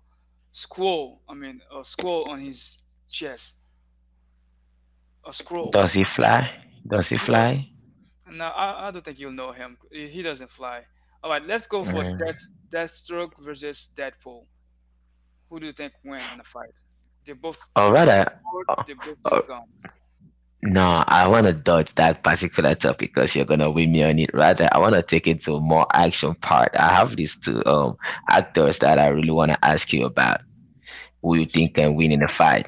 [SPEAKER 1] scroll. I mean, a scroll on his chest. A scroll.
[SPEAKER 2] Does he fly? Does he
[SPEAKER 1] No.
[SPEAKER 2] fly?
[SPEAKER 1] No, I don't think you'll know him. He doesn't fly. All right, let's go for
[SPEAKER 2] Mm.
[SPEAKER 1] Deathstroke versus Deadpool. Who do you think win on the fight? They both
[SPEAKER 2] Or
[SPEAKER 1] use
[SPEAKER 2] rather,
[SPEAKER 1] sword.
[SPEAKER 2] oh,
[SPEAKER 1] They both
[SPEAKER 2] oh,
[SPEAKER 1] use guns.
[SPEAKER 2] no, I want to dodge that particular topic because you're gonna win me on it. Rather, I want to take it to a more action part. I have these two actors that I really want to ask you about. Who you think can win in a fight?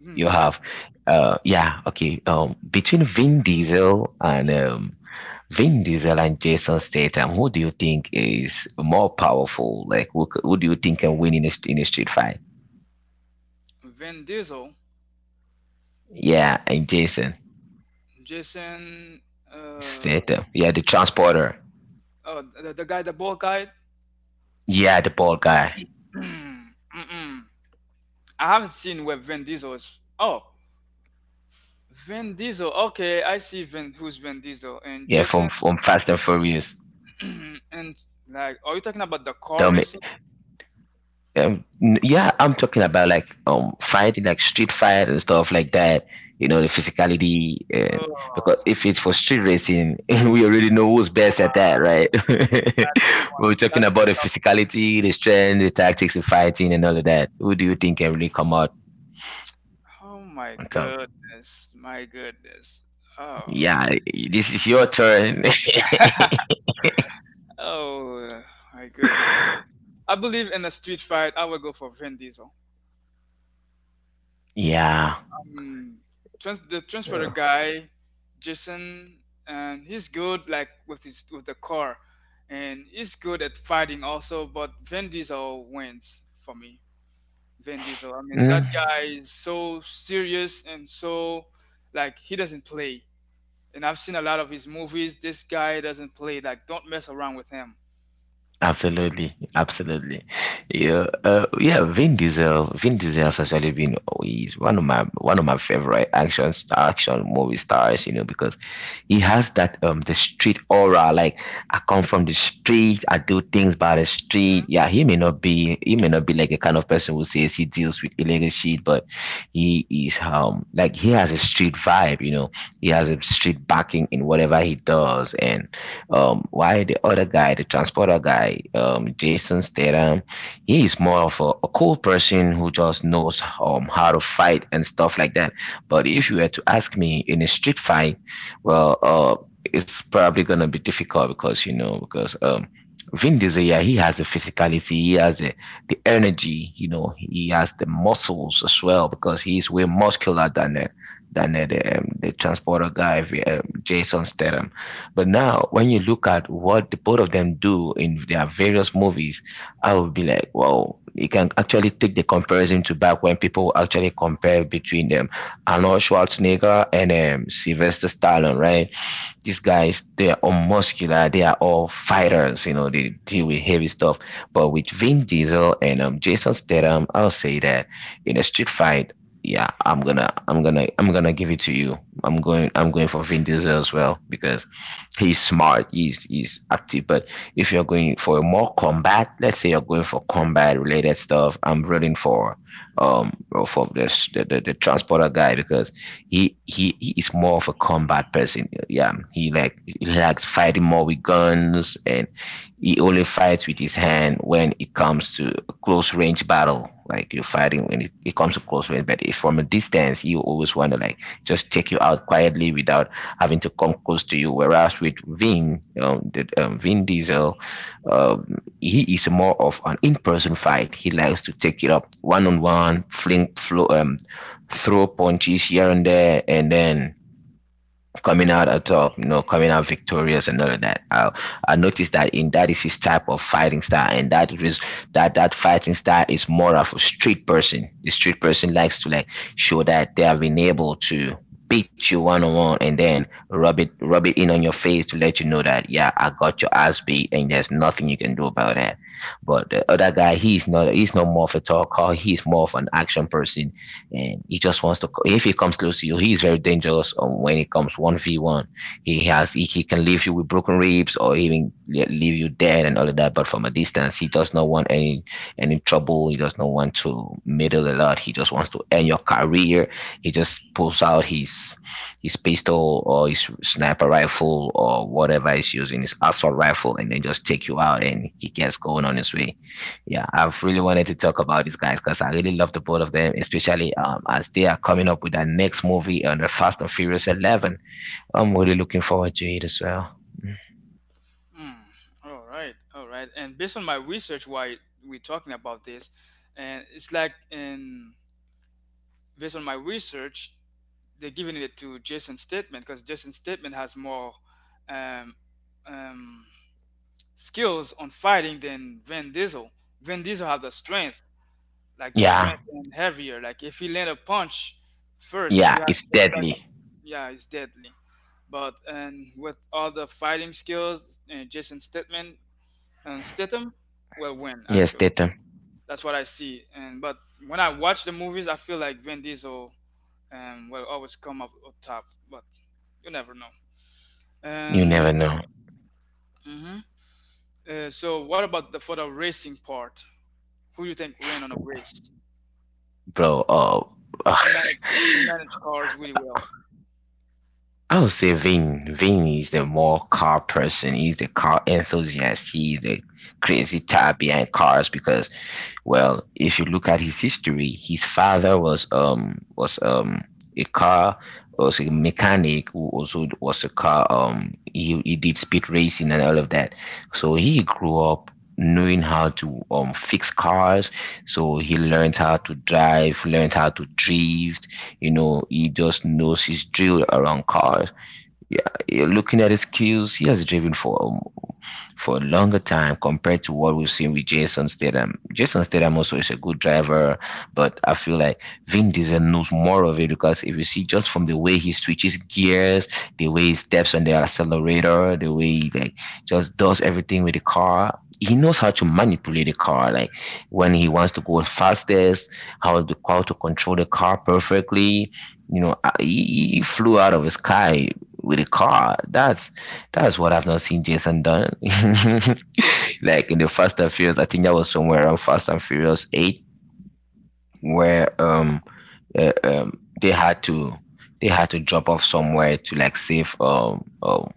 [SPEAKER 1] Hmm,
[SPEAKER 2] You
[SPEAKER 1] go ahead.
[SPEAKER 2] have, yeah, okay. Between Vin Diesel and Jason Statham, who do you think is more powerful? Like, who do you think can win in in a street fight?
[SPEAKER 1] Vin Diesel,
[SPEAKER 2] Yeah, and Jason
[SPEAKER 1] Jason, uh,
[SPEAKER 2] Statham. Yeah, the transporter.
[SPEAKER 1] oh, the guy, the bald guy.
[SPEAKER 2] Yeah, the bald guy.
[SPEAKER 1] Mm-mm. I haven't seen where Vin Diesel is. Oh, Vin Diesel. Okay, I see Vin. Who's Vin Diesel? And
[SPEAKER 2] Yeah, from
[SPEAKER 1] Jason.
[SPEAKER 2] from Fast and Furious.
[SPEAKER 1] And like, are you talking about the car
[SPEAKER 2] Dumb
[SPEAKER 1] racing?
[SPEAKER 2] Yeah, I'm talking about like fighting, like street fight and stuff like that. You know, the physicality, and because
[SPEAKER 1] Oh.
[SPEAKER 2] if it's for street racing, we already know who's best at that, right?
[SPEAKER 1] That's one.
[SPEAKER 2] We're talking
[SPEAKER 1] That's a
[SPEAKER 2] about the
[SPEAKER 1] tough.
[SPEAKER 2] physicality, the strength, the tactics, the fighting, and all of that. Who do you think can really come out
[SPEAKER 1] Oh my
[SPEAKER 2] on top?
[SPEAKER 1] goodness, my goodness. Oh,
[SPEAKER 2] Yeah, this is your turn.
[SPEAKER 1] oh my goodness. I believe in a street fight. I would go for Vin Diesel.
[SPEAKER 2] yeah.
[SPEAKER 1] Um, Trans- the transporter guy, Jason, and he's good like with his with the car, and he's good at fighting also. But Vin Diesel wins for me. Vin Diesel. I mean,
[SPEAKER 2] Mm.
[SPEAKER 1] that guy is so serious and so like he doesn't play. And I've seen a lot of his movies. This guy doesn't play. Like, don't mess around with him.
[SPEAKER 2] Absolutely, absolutely. Yeah, yeah. Vin Diesel has actually been oh, he's one of my favorite action movie stars. You know because he has that the street aura. Like I come from the street, I do things by the street.
[SPEAKER 1] Hmm?
[SPEAKER 2] Yeah, he may not be like a kind of person who says he deals with illegal shit, but he is like he has a street vibe. You know, he has a street backing in whatever he does, and why the other guy, the transporter guy, Jason Statham, he is more of a cool person who just knows how to fight and stuff like that. But if you were to ask me in a street fight, well, it's probably gonna be difficult because you know because Vin Diesel, yeah, he has the physicality, he has the energy, you know, he has the muscles as well because he's way muscular than the transporter guy, Jason Statham. But now, when you look at what the both of them do in their various movies, I would be like, wow, you can actually take the comparison to back when people actually compare between them. Arnold Schwarzenegger and Sylvester Stallone, right? These guys, they are all muscular, they are all fighters, you know, they deal with heavy stuff. But with Vin Diesel and Jason Statham, I'll say that in a street fight, yeah, I'm gonna give it to you. I'm going for Vin Diesel as well because he's smart he's active but if you're going for a more combat, let's say you're going for combat related stuff, I'm rooting um for this the transporter guy because he is more of a combat person. Yeah, he likes fighting more with guns, and he only fights with his hand when it comes to a close range battle. Like you're fighting when it comes to close range, but if from a distance, he always want to like just take you out quietly without having to come close to you. Whereas with Vin Diesel, he is more of an in-person fight. He likes to take it up one-on-one, throw punches here and there, and then coming out at top, you know, coming out victorious and all of that. I noticed that in that is his type of fighting style, and that fighting style is more of a street person. The street person likes to like show that they have been able to beat you one on one, and then rub it in on your face to let you know that yeah, I got your ass beat, and there's nothing you can do about that. But the other guy, he's not more of a talker. He's more of an action person and he just wants to. If he comes close to you, he is very dangerous. When it comes one v one, he can leave you with broken ribs or even leave you dead and all of that. But from a distance, he does not want any trouble. He does not want to meddle a lot. He just wants to end your career. He just pulls out his pistol or his sniper rifle or whatever he's using, his assault rifle, and then just take you out and he gets going on his way. Yeah, I've really wanted to talk about these guys because I really love the both of them, especially as they are coming up with their next movie on the Fast and Furious 11. I'm really looking forward to it as well.
[SPEAKER 1] Mm. All right, all right. And based on my research, why we're talking about this, and it's like, and based on my research, they're giving it to Jason Statement because Jason Statement has more um, um, skills on fighting than Vin Diesel. Vin Diesel have the strength, like the
[SPEAKER 2] Yeah,
[SPEAKER 1] strength and heavier. Like if he land a punch first, if
[SPEAKER 2] yeah,
[SPEAKER 1] you have,
[SPEAKER 2] it's
[SPEAKER 1] if that,
[SPEAKER 2] deadly.
[SPEAKER 1] yeah, he's deadly. But and with all the fighting skills, Jason Statham and Statham will win.
[SPEAKER 2] Yes,
[SPEAKER 1] Actually,
[SPEAKER 2] Tatum,
[SPEAKER 1] that's what I see. And but when I watch the movies, I feel like Vin Diesel will always come up, up top. But you never know.
[SPEAKER 2] you
[SPEAKER 1] And
[SPEAKER 2] never know,
[SPEAKER 1] mhm. So, what about the for the racing part? Who you think ran on a race?
[SPEAKER 2] bro. Oh, ugh,
[SPEAKER 1] Who managed who managed cars really well?
[SPEAKER 2] I would say Vin. Vin is the more car person. He's the car enthusiast. He's the crazy type behind cars because well, if you look at his history, his father was a car, was a mechanic who also was a car, he did speed racing and all of that. So he grew up knowing how to fix cars. So he learned how to drive, learned how to drift. You know, he just knows his drill around cars. Yeah, yeah, looking at his skills, he has driven for a longer time compared to what we've seen with Jason Statham. Jason Statham also is a good driver, but I feel like Vin Diesel knows more of it because if you see just from the way he switches gears, the way he steps on the accelerator, the way he like just does everything with the car, he knows how to manipulate the car. Like when he wants to go fastest, how to control the car perfectly. You know, he flew out of the sky with a car. That's what I've not seen Jason done. Like in the Fast and Furious, I think that was somewhere around Fast and Furious Eight, where they had to, drop off somewhere to like save um, um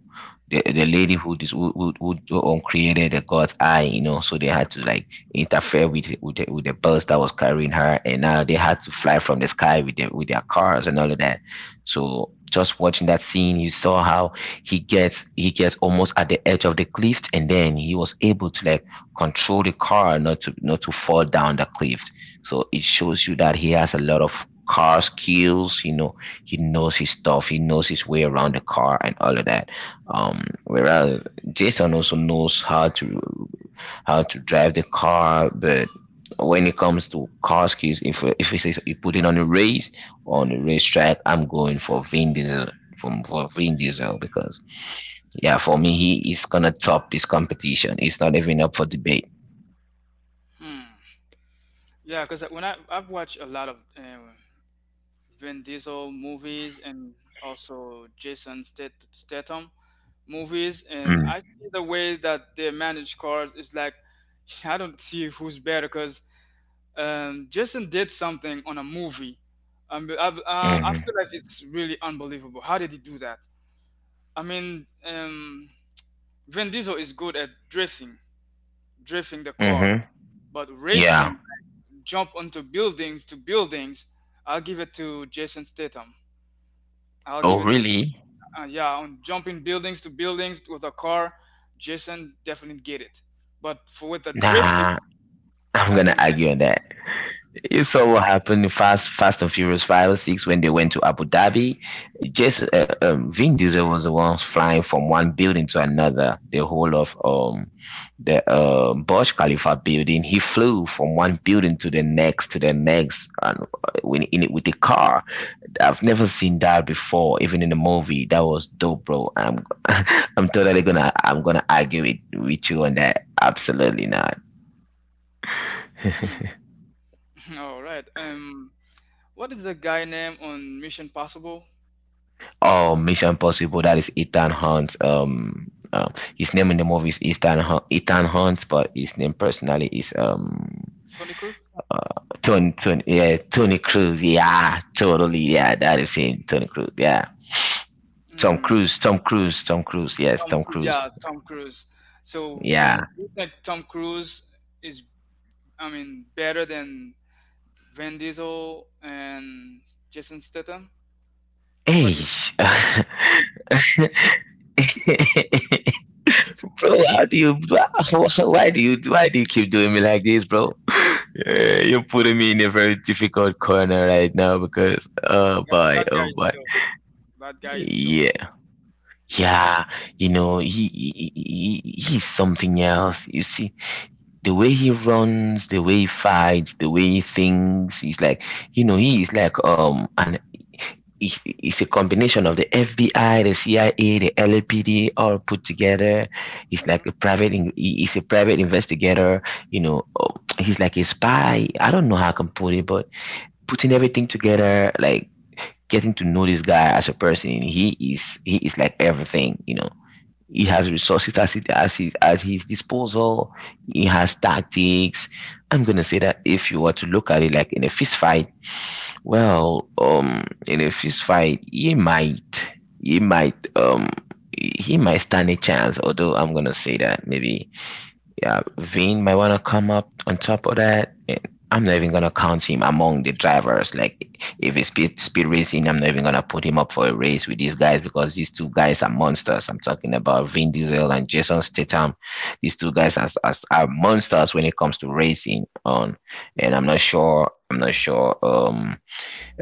[SPEAKER 2] the, the lady who dis who uncreated the God's eye, you know, so they had to like interfere with with the bus that was carrying her, and now they had to fly from the sky with their cars and all of that. So just watching that scene, you saw how he gets almost at the edge of the cliff, and then he was able to like control the car not to fall down the cliff. So it shows you that he has a lot of car skills. You know, he knows his stuff. He knows his way around the car and all of that, whereas Jason also knows how to drive the car, but when it comes to car skills, if it's, you put it on a race on a racetrack, I'm going for Vin Diesel, from for Vin Diesel, because yeah, for me, he is gonna top this competition. It's not even up for debate.
[SPEAKER 1] Hmm. Yeah, because when I I've watched a lot of Vin Diesel movies and also Statham, movies and I
[SPEAKER 2] Mm,
[SPEAKER 1] see the way that they manage cars is like I don't see who's better because Jason did something on a movie. I
[SPEAKER 2] mm-hmm,
[SPEAKER 1] feel like it's really unbelievable. How did he do that? I mean, Vin Diesel is good at drifting, drifting the car,
[SPEAKER 2] mm-hmm.
[SPEAKER 1] but
[SPEAKER 2] Yeah.
[SPEAKER 1] racing, jump onto buildings to buildings, I'll give it to Jason Statham. I'll give
[SPEAKER 2] Oh
[SPEAKER 1] it to
[SPEAKER 2] really.
[SPEAKER 1] yeah, on jumping buildings to buildings with a car, Jason definitely get it. But for with the drifting,
[SPEAKER 2] Nah, I'm
[SPEAKER 1] I
[SPEAKER 2] gonna
[SPEAKER 1] think.
[SPEAKER 2] argue on that. You saw what happened in Fast and Furious Five or Six when they went to Abu Dhabi. Just Vin Diesel was the one flying from one building to another. The whole of the Burj Khalifa building, he flew from one building to the next, and when in it with the car. I've never seen that before, even in a movie. That was dope, bro. I'm I'm totally gonna I'm gonna argue with you on that. Absolutely not.
[SPEAKER 1] Hmm, all right. What is the guy name on Mission Possible?
[SPEAKER 2] Oh, Mission Impossible. That is Ethan Hunt. His name in the movie is Ethan Hunt, but his name personally is um
[SPEAKER 1] Tony Cruz.
[SPEAKER 2] Tony Tony yeah Tony Cruz. Yeah, totally. Yeah, that is him, Tony Cruz. Yeah,
[SPEAKER 1] Hmm,
[SPEAKER 2] Tom Cruise. Yes,
[SPEAKER 1] Tom.
[SPEAKER 2] Tom
[SPEAKER 1] Cruise.
[SPEAKER 2] Cruise.
[SPEAKER 1] Yeah, Tom Cruise. So,
[SPEAKER 2] Yeah.
[SPEAKER 1] you think Tom Cruise is, I mean, better than Vin Diesel and Jason Statham?
[SPEAKER 2] Hey.
[SPEAKER 1] What do you
[SPEAKER 2] Bro.
[SPEAKER 1] think?
[SPEAKER 2] How do you? Why do you keep doing me like this, bro? You're putting me in a very difficult corner right now because
[SPEAKER 1] That, that guy
[SPEAKER 2] oh
[SPEAKER 1] is
[SPEAKER 2] boy,
[SPEAKER 1] dope. That guy is dope.
[SPEAKER 2] yeah, yeah. You know, he's something else. You see, the way he runs, the way he fights, the way he thinks. He's like, you know, he is like an it's a combination of the FBI, the CIA, the LAPD, all put together.
[SPEAKER 1] Mhm.
[SPEAKER 2] He's a private investigator. You know, oh, he's like a spy. I don't know how I can put it, but putting everything together, like getting to know this guy as a person, he is like everything. You know, he has resources as it as his, at his disposal. He has tactics. I'm gonna say that if you were to look at it like in a fist fight, well, in a fist fight, he might, um, he might stand a chance. Although I'm gonna say that maybe, yeah, Vin might wanna come up on top of that. And I'm not even gonna count him among the drivers. Like, if it's speed racing, I'm not even gonna put him up for a race with these guys because these two guys are monsters. I'm talking about Vin Diesel and Jason Statham. These two guys are monsters when it comes to racing. On, and I'm not sure.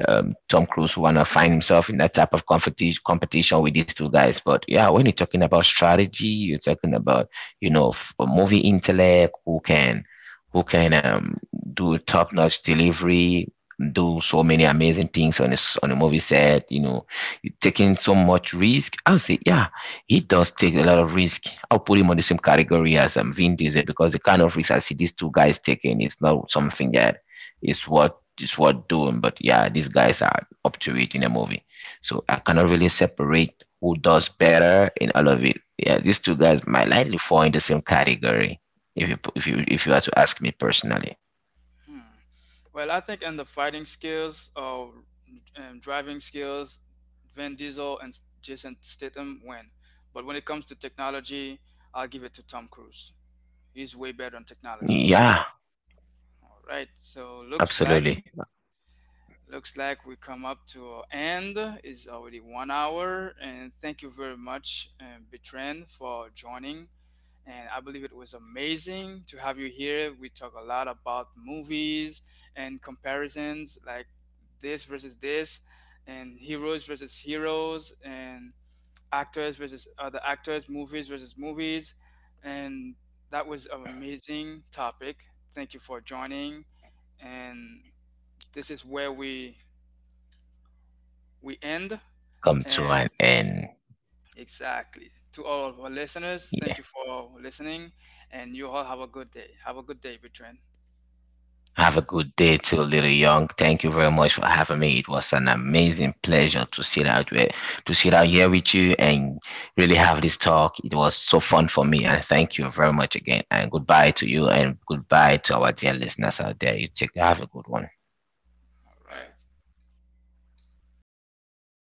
[SPEAKER 2] Um, Tom Cruise want to find himself in that type of competition with these two guys. But yeah, when you're talking about strategy, you're talking about you know movie intellect, who can do top notch delivery, do so many amazing things on a s on a movie set. You know, you're taking so much risk. I'll say yeah, he does take a lot of risk. I'll put him on the same category as Vin Diesel because the kind of risk I see these two guys taking is not something that is what it's worth doing. But yeah, these guys are up to it in a movie. So I cannot really separate who does better in all of it. Yeah, these two guys might likely fall in the same category if you are to ask me personally.
[SPEAKER 1] Hmm. Well, I think in the fighting skills or driving skills, Vin Diesel and Jason Statham win. But when it comes to technology, I'll give it to Tom Cruise. He's way better on technologies.
[SPEAKER 2] Yeah,
[SPEAKER 1] All right. So
[SPEAKER 2] absolutely.
[SPEAKER 1] looks like we come up to an end. It's already 1 hour, and thank you very much, Betren, for joining and I believe it was amazing to have you here. We talk a lot about movies and comparisons like this versus this, and heroes versus heroes, and actors versus other actors, movies versus movies, and that was an amazing topic. Thank you for joining, and this is where we end.
[SPEAKER 2] Come to
[SPEAKER 1] And
[SPEAKER 2] an end.
[SPEAKER 1] exactly to all of our listeners, thank you for listening, and you all have a good day. Have a good day, Between.
[SPEAKER 2] Have a good day too, Little Young. Thank you very much for having me. It was an amazing pleasure to sit out here with you and really have this talk. It was so fun for me, and thank you very much again. And goodbye to you, and goodbye to our dear listeners out there. You take have a good one.
[SPEAKER 1] All right.